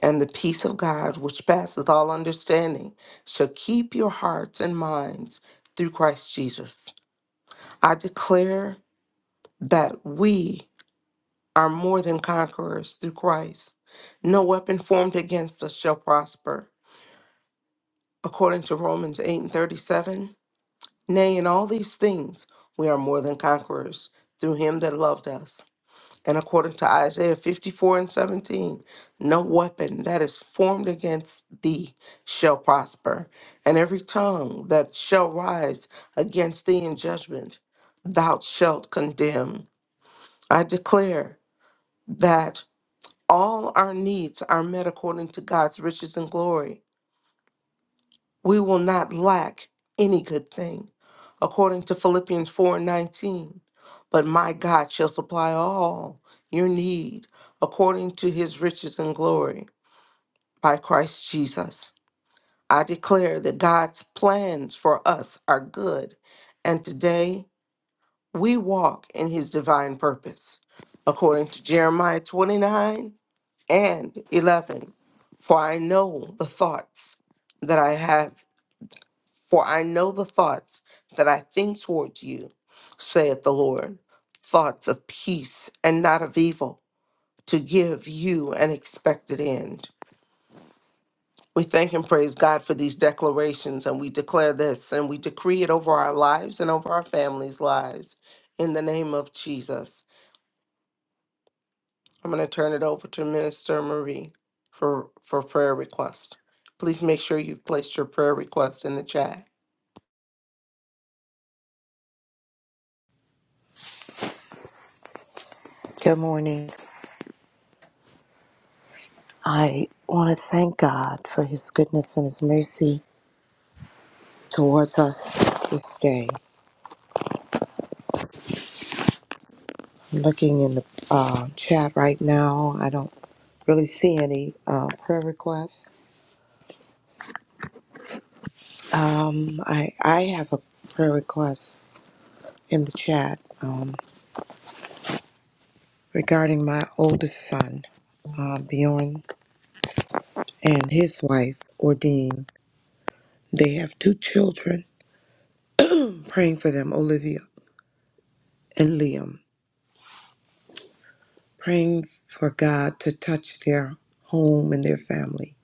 S2: And the peace of God, which passeth all understanding, shall keep your hearts and minds through Christ Jesus. I declare that we are more than conquerors through Christ. No according to names we are conquerors through us. And again, no weapon that is formed against thee shall prosper, and every tongue that shall rise against thee in judgment thou shalt condemn. I declare that all our needs are met according to God's riches and glory. We will not lack any good thing. according to Philippians 4 and 19. But my God shall supply all your need according to his riches and glory by Christ Jesus. I declare that God's plans for us are good, and today we walk in his divine purpose. According to Jeremiah 29 and 11, for I know the thoughts that I have, for I know the thoughts that I think towards you saith the Lord, thoughts of peace and not of evil, to give you an expected end. We thank and praise God for these declarations, and we declare this and we decree it over our lives and over our families' lives in the name of Jesus. I'm going to turn it over to Minister Marie for, for prayer request. Please make sure you've placed your prayer request in the chat.
S5: Good morning. I want to thank God for His goodness and His mercy towards us this day. I'm looking in the uh, chat right now. I don't really see any uh, prayer requests. Um, I I have a prayer request in the chat um, regarding my oldest son, uh, Bjorn, and his wife, Ordine. They have two children. I'm praying for them, Olivia and Liam. praying for God to touch their home and their family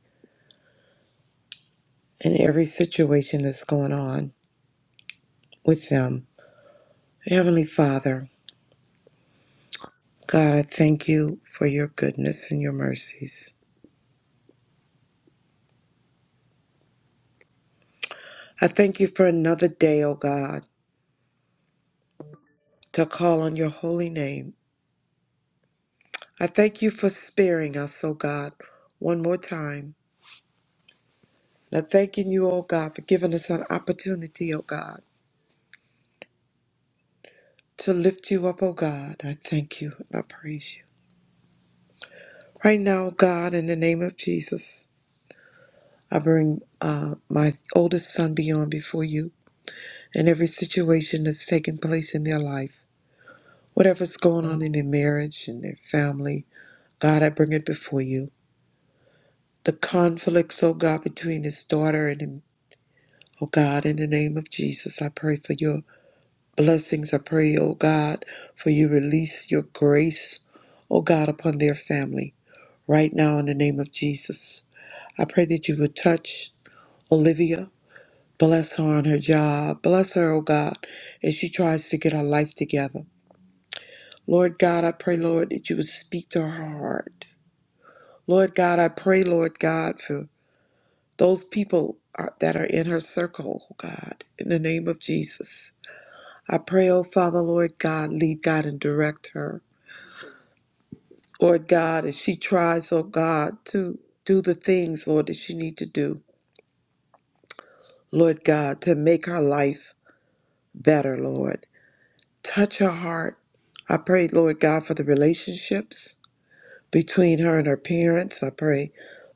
S5: and every situation that's going on with them. Heavenly Father, God, I thank you for your goodness and your mercies. I thank you for another day, O God, to call on your holy name. I thank you for sparing us, O God, one more time. And I thanking you, O God, for giving us an opportunity, O God, to lift you up, O God. I thank you and I praise you. Right now, God, in the name of Jesus. I bring uh, my oldest son beyond before you and every situation that's taking place in their life. Whatever's going on in their marriage and their family, God, I bring it before you. The conflicts, oh God, between his daughter and him, oh God, in the name of Jesus, I pray for your blessings. I pray, oh God, for you release your grace, oh God, upon their family right now in the name of Jesus. I pray that you would touch Olivia. Bless her on her job. Bless her, oh God, as she tries to get her life together. Lord God, I pray, Lord, that you would speak to her heart. Lord God, I pray, Lord God, for those people are, that are in her circle, oh God, in the name of Jesus. I pray, oh Father, Lord God, lead God and direct her. Lord God, as she tries, oh God, to do the things, Lord, that she need to do. Lord God, to make her life better, Lord. Touch her heart. I pray, Lord God, for the relationships between her and her parents. I pray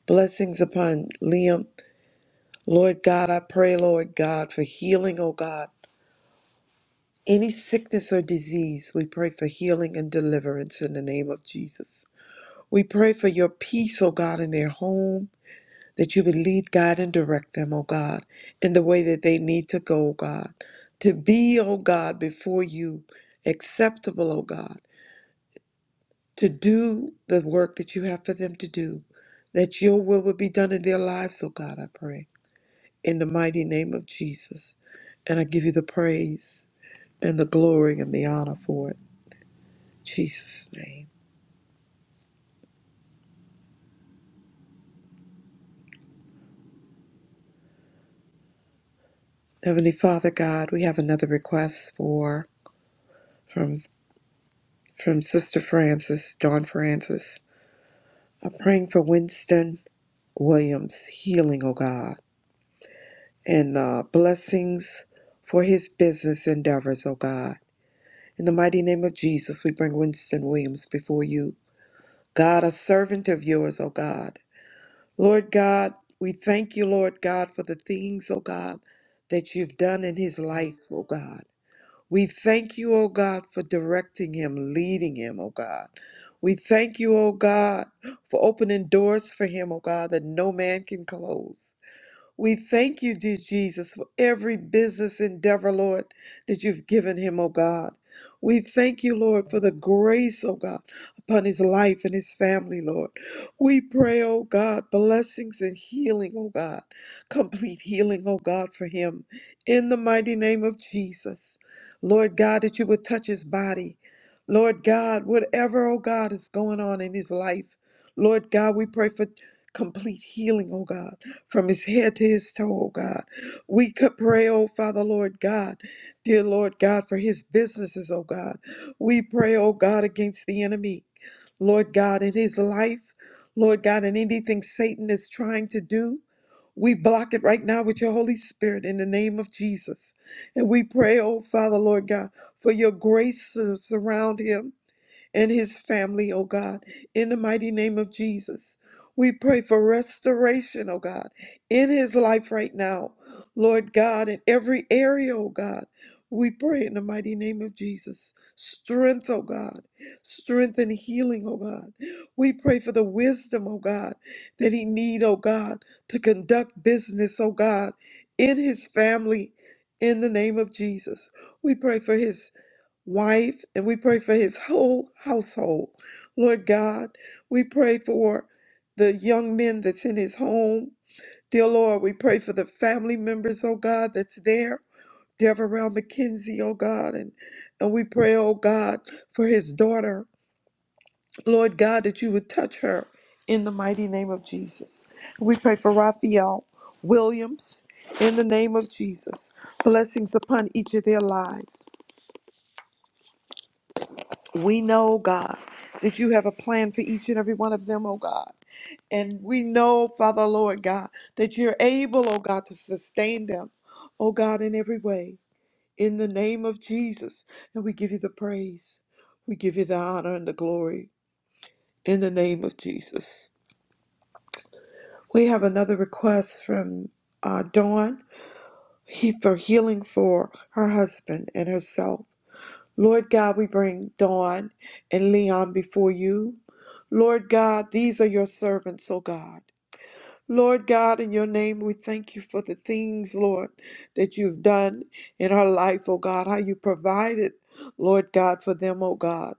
S5: blessings upon Liam. Lord God, I pray, Lord God, for healing, oh God. Any sickness or disease, we pray for healing and deliverance in the name of Jesus. We pray for your peace, oh God, in their home, that you would lead, guide, and direct them, oh God, in the way that they need to go, oh God. To be, oh God, before you, acceptable, oh God to do the work that you have for them to do, that your will will be done in their lives, oh God, I pray. In the mighty name of Jesus. And I give you the praise and the glory and the honor for it. In Jesus' name. Heavenly Father God, we have another request for from from Sister Francis, Dawn Francis. I'm praying for Winston Williams healing, oh God, and uh, blessings for his business endeavors, oh God. In the mighty name of Jesus, we bring Winston Williams before you. God, a servant of yours, O God. Lord God, we thank you, Lord God, for the things, O God, that you've done in his life, O God. We thank you, O God, for directing him, leading him, O God. We thank you, O God, for opening doors for him, O God, that no man can close. We thank you, dear Jesus, for every business endeavor, Lord, that you've given him, oh God. We thank you, Lord, for the grace, oh God, upon his life and his family, Lord. We pray, oh God, blessings and healing, oh God, complete healing, oh God, for him. In the mighty name of Jesus, Lord God, that you would touch his body. Lord God, whatever, oh God, is going on in his life, Lord God, we pray for complete healing, oh God from his head to his toe, oh God. We could pray, oh Father, Lord God, dear Lord God, for his businesses, oh God. We pray, oh God, against the enemy, Lord God, in his life, Lord God, in anything Satan is trying to do. We block it right now with your Holy Spirit in the name of Jesus. And we pray, oh Father, Lord God, for your grace to surround him and his family, oh God, in the mighty name of Jesus. We pray for restoration, oh God, in his life right now, Lord God, in every area, oh God. We pray in the mighty name of Jesus. Strength, oh God. Strength and healing, oh God. We pray for the wisdom, oh God, that he need, oh God, to conduct business, oh God, in his family, in the name of Jesus. We pray for his wife, and we pray for his whole household. Lord God, we pray for the young men that's in his home. Dear Lord, we pray for the family members, oh God, that's there. Deverell McKenzie, oh God, and, and we pray, oh God, for his daughter. Lord God, that you would touch her in the mighty name of Jesus. We pray for Raphael Williams in the name of Jesus. Blessings upon each of their lives. We know, God, that you have a plan for each and every one of them, oh God. And we know, Father, Lord God, that you're able, oh God, to sustain them, oh God, in every way. In the name of Jesus. And we give you the praise. We give you the honor and the glory. In the name of Jesus. We have another request from uh, Dawn he, for healing for her husband and herself. Lord God, we bring Dawn and Leon before you. Lord God, these are your servants, O God. Lord God, in your name, we thank you for the things, Lord, that you've done in our life, O God, how you provided, Lord God, for them, O God.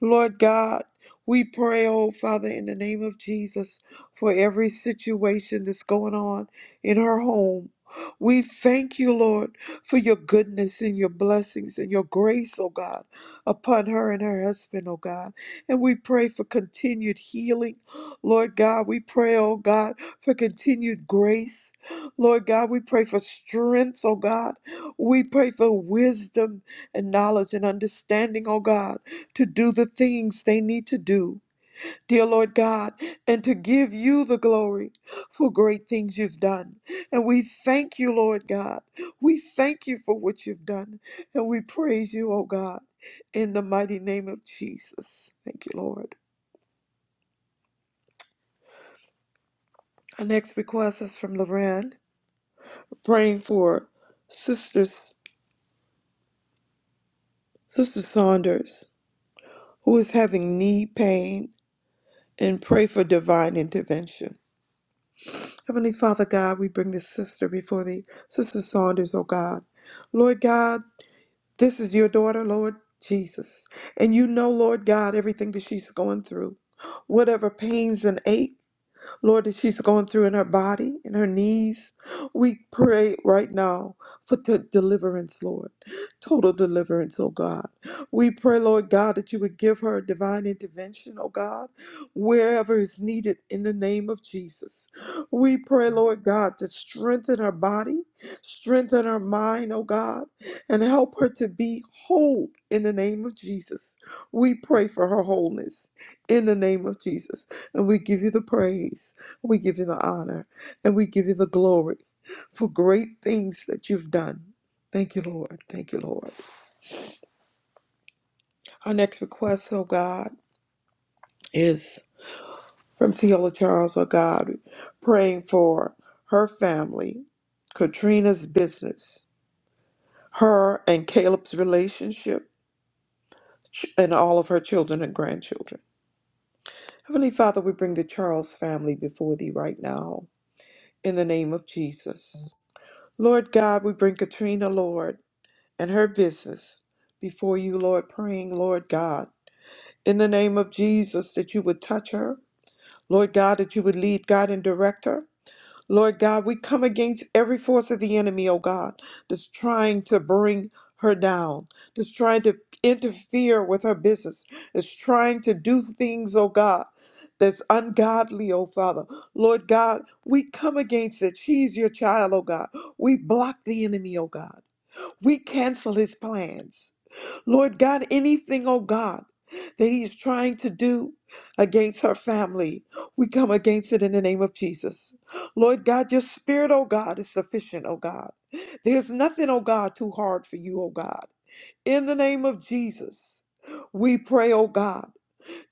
S5: Lord God, we pray, oh Father, in the name of Jesus, for every situation that's going on in her home. We thank you, Lord, for your goodness and your blessings and your grace, oh God, upon her and her husband, oh God. And we pray for continued healing. Lord God, we pray, oh God, for continued grace. Lord God, we pray for strength, oh God. We pray for wisdom and knowledge and understanding, oh God to do the things they need to do, dear Lord God, and to give you the glory for great things you've done. And we thank you, Lord God. We thank you for what you've done. And we praise you, oh God, in the mighty name of Jesus. Thank you, Lord. Our next request is from Loran, praying for sisters, Sister Saunders, who is having knee pain, and pray for divine intervention. Heavenly Father God, we bring this sister before thee, Sister Saunders, oh God. Lord God, this is your daughter, Lord Jesus. And you know, Lord God, everything that she's going through, whatever pains and ache. Lord, that she's going through in her body, in her knees. We pray right now for the deliverance, Lord. Total deliverance, oh God. We pray, Lord God, that you would give her divine intervention, oh God, wherever is needed in the name of Jesus. We pray, Lord God, to strengthen her body, strengthen her mind, oh God, and help her to be whole in the name of Jesus. We pray for her wholeness in the name of Jesus. And we give you the praise. We give you the honor. And we give you the glory for great things that you've done. Thank you, Lord. Thank you, Lord. Our next request, oh God, is from Teola Charles, oh God, praying for her family, Katrina's business, her and Caleb's relationship, ch- and all of her children and grandchildren. Heavenly Father, we bring the Charles family before thee right now in the name of Jesus. Lord God, we bring Katrina, Lord, and her business before you, Lord, praying, Lord God, in the name of Jesus, that you would touch her. Lord God, that you would lead, God, and direct her. Lord God, we come against every force of the enemy, oh God, that's trying to bring her down, that's trying to interfere with her business, that's trying to do things, oh God, that's ungodly, oh Father. Lord God, we come against it. She's your child, oh God. We block the enemy, oh God. We cancel his plans. Lord God, anything, oh God, that he's trying to do against her family, we come against it in the name of Jesus. Lord God, your spirit, oh God, is sufficient, oh God. There's nothing, oh God, too hard for you, oh God. In the name of Jesus, we pray, oh God.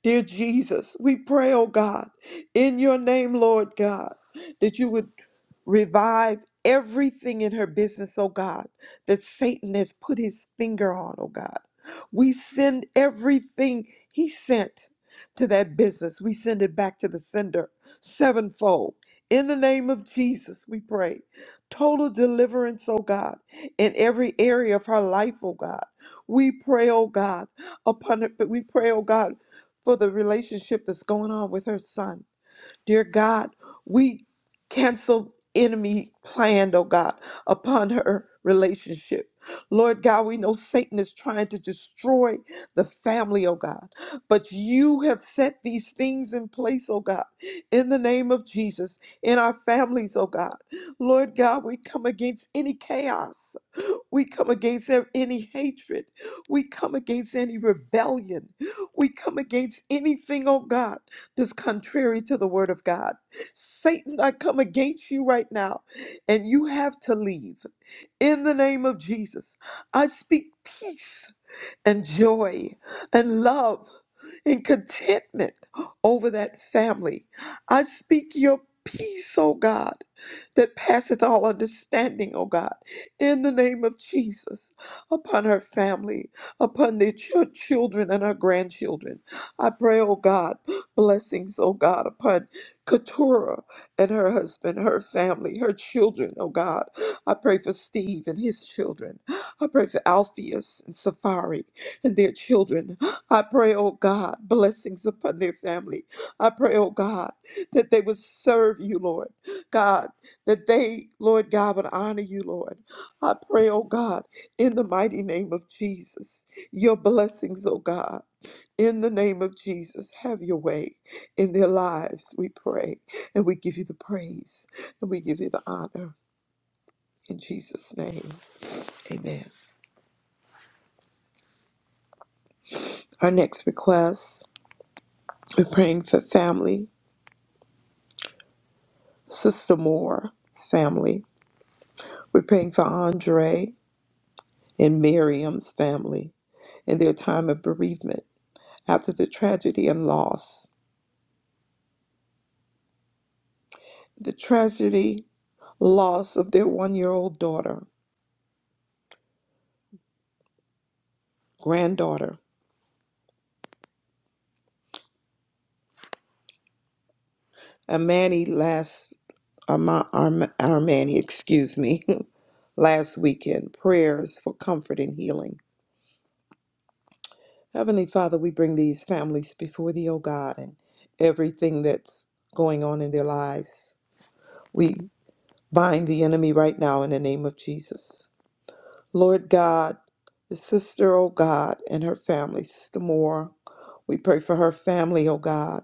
S5: Dear Jesus, we pray, oh God, in your name, Lord God, that you would revive everything in her business, oh God, that Satan has put his finger on, oh God. We send everything he sent to that business, we send it back to the sender sevenfold. In the name of Jesus, we pray. Total deliverance, oh God, in every area of her life, oh God. We pray, oh God, upon it, but we pray, oh God for the relationship that's going on with her son. Dear God, we cancel enemy planned. oh God, upon her relationship. Lord God, we know Satan is trying to destroy the family, oh God, but you have set these things in place, oh God, in the name of Jesus, in our families, oh God. Lord God, we come against any chaos we come against ev- any hatred. We come against any rebellion. We come against anything, oh God, that's contrary to the word of God. Satan, I come against you right now, and you have to leave. In the name of Jesus, I speak peace and joy and love and contentment over that family. I speak your peace, O God, that passeth all understanding, O God, in the name of Jesus, upon her family, upon their ch- children and her grandchildren. I pray, O God, blessings, O God, upon Keturah and her husband, her family, her children, O God. I pray for Steve and his children. I pray for Alpheus and Safari and their children. I pray, oh God, blessings upon their family. I pray, oh God, that they would serve you, Lord. God, that they, Lord God, would honor you, Lord. I pray, oh God, in the mighty name of Jesus, your blessings, oh God. In the name of Jesus, have your way in their lives, we pray. And we give you the praise and we give you the honor. In Jesus' name, amen. Our next request we're praying for family. Sister Moore's family. We're praying for Andre and Miriam's family in their time of bereavement after the tragedy and loss. The tragedy loss of their one year old daughter, granddaughter, Amani last Arma, Arma, Armani, excuse me, last weekend. Prayers for comfort and healing. Heavenly Father, we bring these families before thee, O God, and everything that's going on in their lives. We Bind the enemy right now in the name of Jesus. Lord God, the sister, oh God, and her family, Sister Moore, we pray for her family, oh God.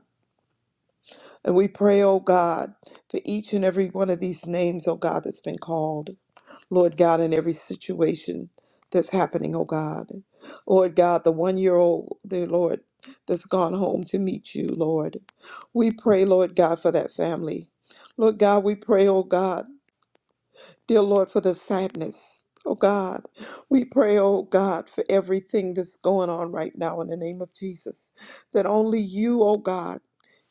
S5: And we pray, oh God, for each and every one of these names, oh God, that's been called. Lord God, in every situation that's happening, oh God. Lord God, the one year old, dear Lord, that's gone home to meet you, Lord. We pray, Lord God, for that family. Lord God, we pray, oh God. Dear Lord, for the sadness. Oh God, we pray, oh God, for everything that's going on right now in the name of Jesus. That only you, oh God,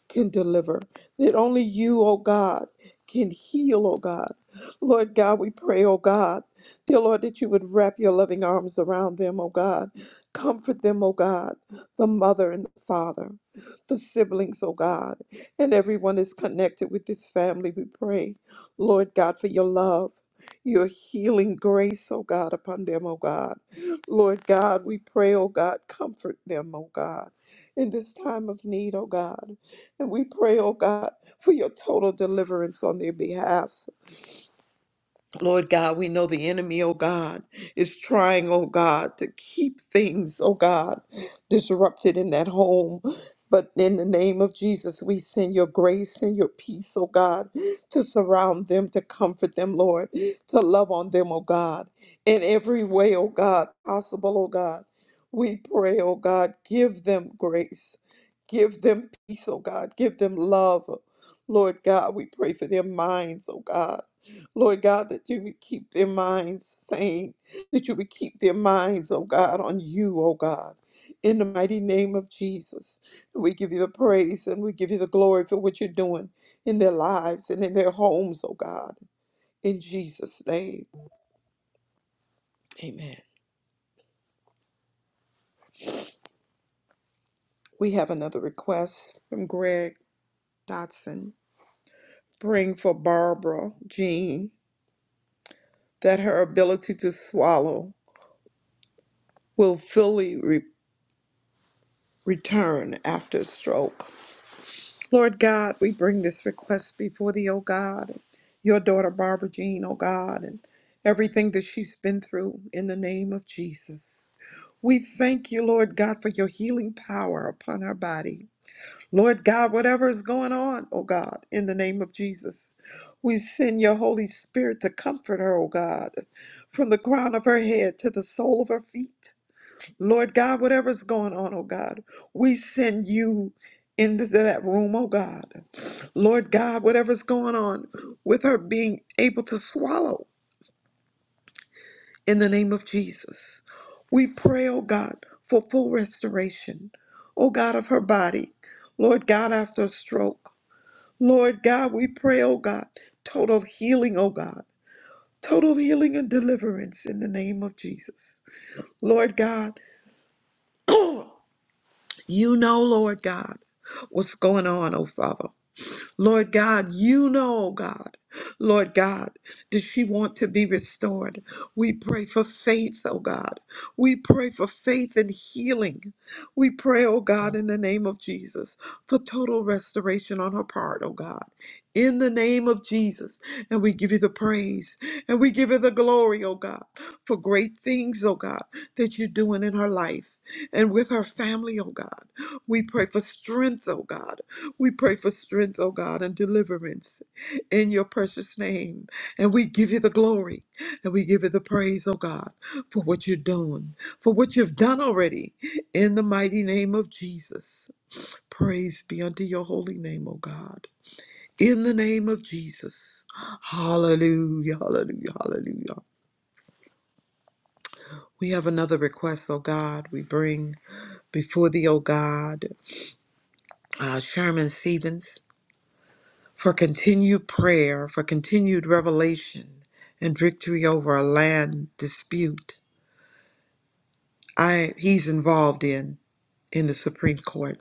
S5: can deliver, that only you, oh God, can heal, oh God. Lord God, we pray, oh God, dear Lord, that you would wrap your loving arms around them, oh God. Comfort them, oh God, the mother and the father, the siblings, oh God, and everyone is connected with this family. We pray, Lord God, for your love. Your healing grace, oh God, upon them, oh God. Lord God, we pray, oh God, comfort them, oh God, in this time of need, oh God. And we pray, oh God, for your total deliverance on their behalf. Lord God, we know the enemy, oh God, is trying, oh God, to keep things, oh God, disrupted in that home. But in the name of Jesus, we send your grace and your peace, oh God, to surround them, to comfort them, Lord, to love on them, oh God, in every way, oh God, possible, oh God. We pray, oh God, give them grace, give them peace, oh God, give them love. Lord God, we pray for their minds, oh God. Lord God, that you would keep their minds sane, that you would keep their minds, oh God, on you, oh God. In the mighty name of Jesus, we give you the praise and we give you the glory for what you're doing in their lives and in their homes, oh God. In Jesus' name, amen. We have another request from Greg Dotson. Bring for Barbara Jean that her ability to swallow will fully re- return after stroke. Lord God, we bring this request before thee, O God, and your daughter Barbara Jean, O God, and everything that she's been through in the name of Jesus. We thank you, Lord God, for your healing power upon her body. Lord God, whatever is going on, O God, in the name of Jesus, we send your Holy Spirit to comfort her, O God, from the crown of her head to the sole of her feet. Lord God, whatever's going on, oh God, we send you into that room, oh God. Lord God, whatever's going on with her being able to swallow in the name of Jesus. We pray, oh God, for full restoration, oh God, of her body. Lord God, after a stroke. Lord God, we pray, oh God, total healing, oh God, total healing and deliverance in the name of Jesus. Lord God, You know, Lord God, what's going on, oh Father. Lord God, you know, God, Lord God, does she want to be restored? We pray for faith, oh God. We pray for faith and healing. We pray, oh God, in the name of Jesus, for total restoration on her part, oh God. In the name of Jesus. And we give you the praise and we give you the glory, oh God, for great things, oh God, that you're doing in her life and with her family, oh God. We pray for strength, oh God. We pray for strength, O God, and deliverance in your precious name. And we give you the glory and we give you the praise, O God, for what you're doing, for what you've done already in the mighty name of Jesus. Praise be unto your holy name, O God. In the name of Jesus. Hallelujah, hallelujah, hallelujah. We have another request, O God, we bring before thee, O God, uh, Sherman Stevens. for continued prayer, for continued revelation and victory over a land dispute I he's involved in in the Supreme Court.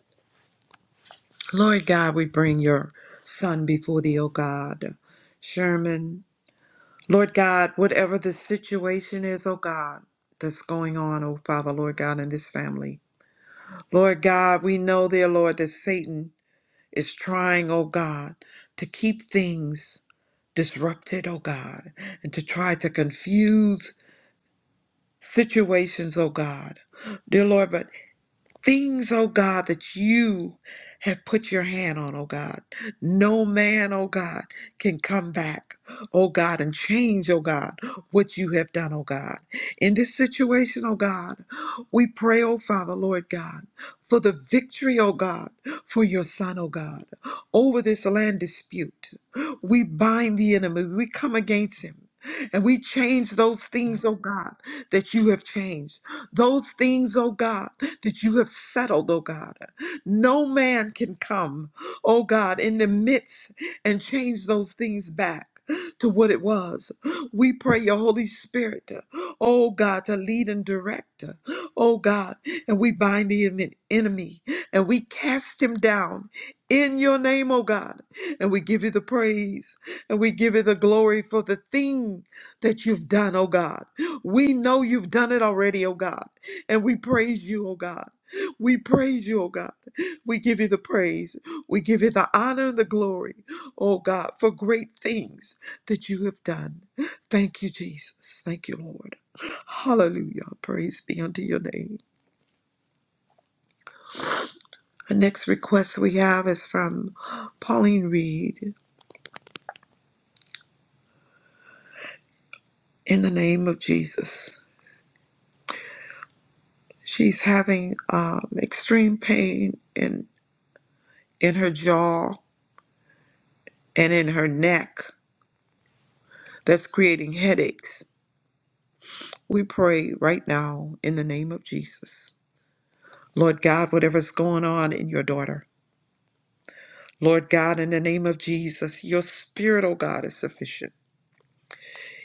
S5: Lord God, we bring your son before thee, O God. Sherman, Lord God, whatever the situation is, O God, that's going on, O Father, Lord God, in this family. Lord God, we know, dear Lord, that Satan is trying, O God, to keep things disrupted, oh God, and to try to confuse situations, oh God. Dear Lord, but Things, oh God, that you have put your hand on, oh God. No man, oh God, can come back, oh God, and change, oh God, what you have done, oh God. In this situation, oh God, we pray, oh Father, Lord God, for the victory, oh God, for your son, oh God, over this land dispute. We bind the enemy, we come against him. And we change those things, oh God, that you have changed. Those things, oh God, that you have settled, oh God. No man can come, oh God, in the midst and change those things back. To what it was. We pray your Holy Spirit, oh God, to lead and direct, oh God, and we bind the en- enemy and we cast him down in your name, oh God, and we give you the praise and we give you the glory for the thing that you've done, oh God. We know you've done it already, oh God, and we praise you, oh God. We praise you, oh God. We give you the praise. We give you the honor and the glory, oh God, for great things that you have done. Thank you, Jesus. Thank you, Lord. Hallelujah. Praise be unto your name. The next request we have is from Pauline Reed in the name of Jesus. She's having um, extreme pain in, in her jaw and in her neck that's creating headaches, we pray right now in the name of Jesus. Lord God, whatever's going on in your daughter, Lord God, in the name of Jesus, your spirit, oh God, is sufficient.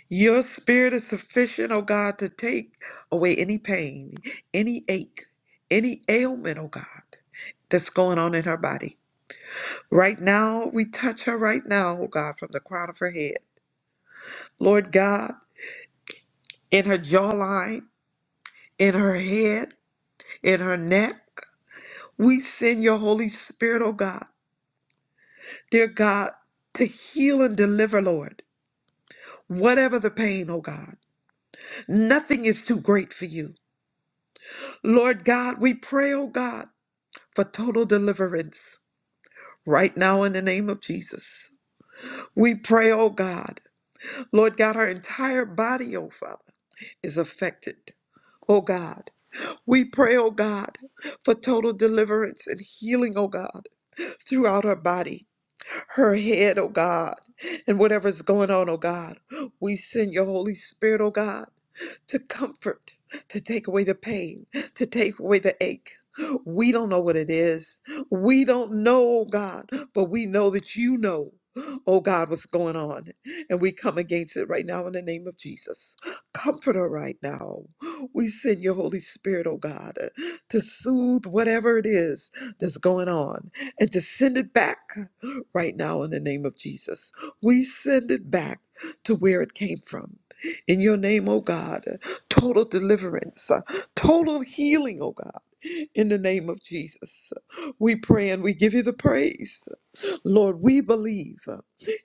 S5: Your spirit is sufficient, oh God, to take away any pain, any ache, any ailment, oh God, that's going on in her body. Right now, we touch her right now, oh God, from the crown of her head. Lord God, in her jawline, in her head, in her neck. We send your Holy Spirit, oh God, dear God, to heal and deliver, Lord. Whatever the pain, oh God, nothing is too great for you. Lord God, we pray, oh God, for total deliverance right now in the name of Jesus. We pray, oh God, Lord God, our entire body, oh Father, is affected, oh God. We pray, oh God, for total deliverance and healing, oh God, throughout our body. her head, oh God, and whatever's going on, oh God. We send your Holy Spirit, oh God, to comfort, to take away the pain, to take away the ache. We don't know what it is. We don't know, oh God, but we know that you know. Oh God, what's going on? And we come against it right now in the name of Jesus. Comfort her right now. We send your Holy Spirit, oh God, to soothe whatever it is that's going on and to send it back right now in the name of Jesus. We send it back to where it came from. In your name, oh God, total deliverance, uh, total healing, oh God, in the name of Jesus. We pray and we give you the praise. Lord, we believe uh,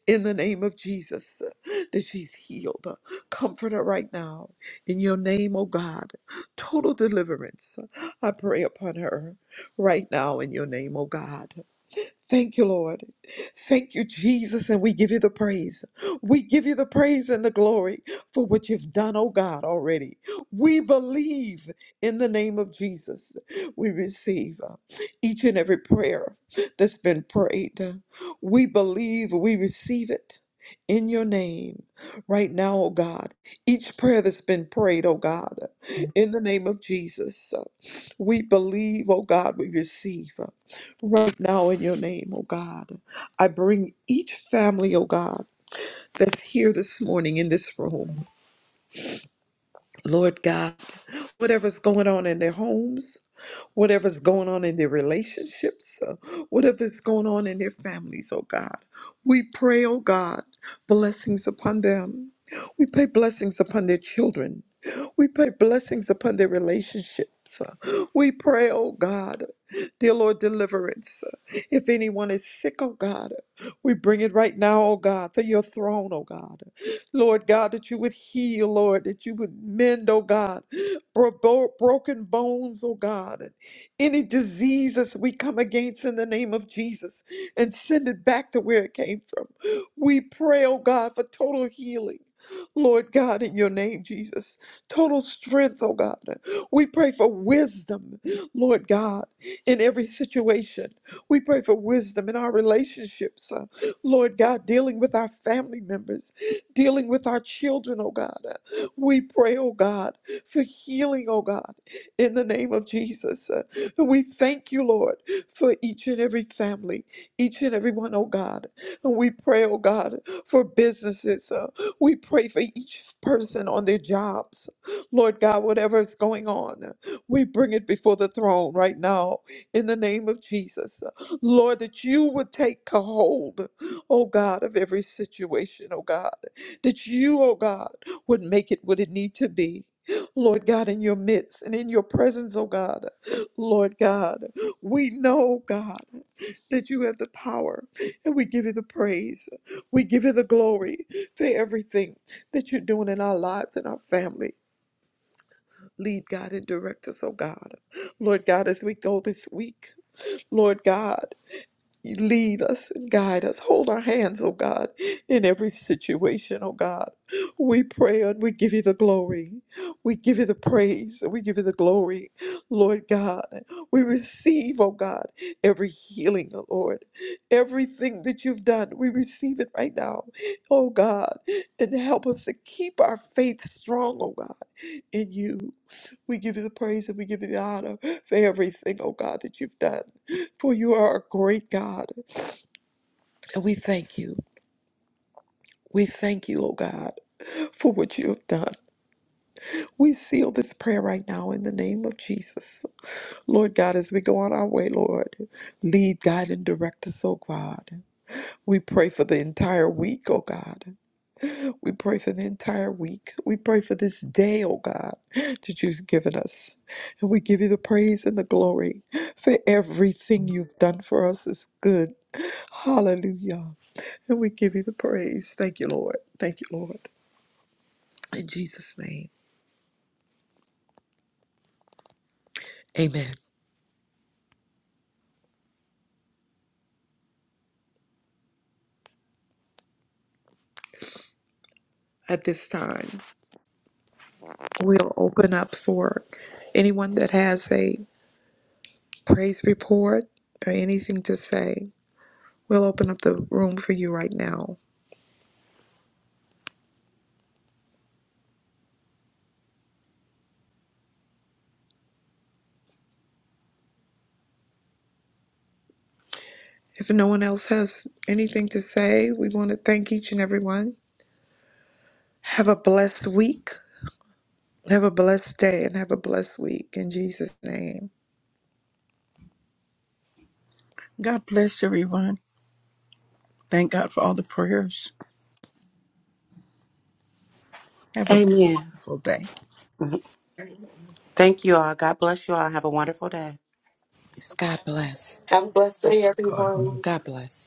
S5: in the name of Jesus uh, that she's healed. Uh, Comfort her right now. In your name, oh God, total deliverance. I pray upon her right now in your name, oh God. Thank you, Lord. Thank you, Jesus, and we give you the praise. We give you the praise and the glory for what you've done, oh God, already. We believe in the name of Jesus. We receive uh, each and every prayer that's been prayed. We believe we receive it in your name right now, oh God. Each prayer that's been prayed, oh God, in the name of Jesus. We believe, oh God, we receive. uh, right now in your name, oh God. I bring each family, oh God, that's here this morning in this room. Lord God, whatever's going on in their homes, whatever's going on in their relationships, uh, whatever's going on in their families, oh God, we pray, oh God, blessings upon them. We pray blessings upon their children. We pray blessings upon their relationships. uh, We pray, oh God, dear Lord, deliverance. If anyone is sick, oh God, we bring it right now, oh God, to your throne, oh God. Lord God, that you would heal, Lord, that you would mend, oh God, bro- bo- broken bones, oh God, and any diseases we come against in the name of Jesus and send it back to where it came from. We pray, oh God, for total healing. Lord God, in your name, Jesus, total strength, oh God. We pray for wisdom, Lord God, in every situation. We pray for wisdom in our relationships, uh, Lord God, dealing with our family members, dealing with our children, oh God. We pray, oh God, for healing, oh God, in the name of Jesus. Uh, We thank you, Lord, for each and every family, each and every one, oh God. And we pray, oh God, for businesses. Uh, We pray for each person on their jobs. Lord God, whatever is going on, uh, we bring it before the throne right now in the name of Jesus. Uh, Lord, that you would take a hold, oh God, of every situation, oh God that you, oh God, would make it what it need to be. Lord God, in your midst and in your presence, oh God, Lord God, we know, God, that you have the power and we give you the praise. We give you the glory for everything that you're doing in our lives and our family. Lead, God, and direct us, oh God. Lord God, as we go this week, Lord God. Lead us and guide us. Hold our hands, oh God, in every situation, oh God. We pray and we give you the glory. We give you the praise and we give you the glory, Lord God. We receive, oh God, every healing, oh Lord. Everything that you've done, we receive it right now, oh God. And help us to keep our faith strong, oh God, in you. We give you the praise and we give you the honor for everything, oh God, that you've done for you are a great God. And we thank you. We thank you, oh God, for what you have done. We seal this prayer right now in the name of Jesus. Lord God, as we go on our way, Lord, lead, guide, and direct us, oh God. We pray for the entire week, oh God. We pray for the entire week. We pray for this day, oh God, that you've given us. And we give you the praise and the glory for everything you've done for us is good. Hallelujah. And we give you the praise. Thank you, Lord. Thank you, Lord. In Jesus' name, amen. At this time, we'll open up for anyone that has a praise report or anything to say. We'll open up the room for you right now. If no one else has anything to say, we want to thank each and everyone. Have a blessed week. Have a blessed day and have a blessed week in Jesus' name.
S6: God bless everyone. Thank God for all the prayers. Have a wonderful day.
S5: God bless.
S2: Have a blessed day,
S7: God,
S2: everyone.
S5: God bless.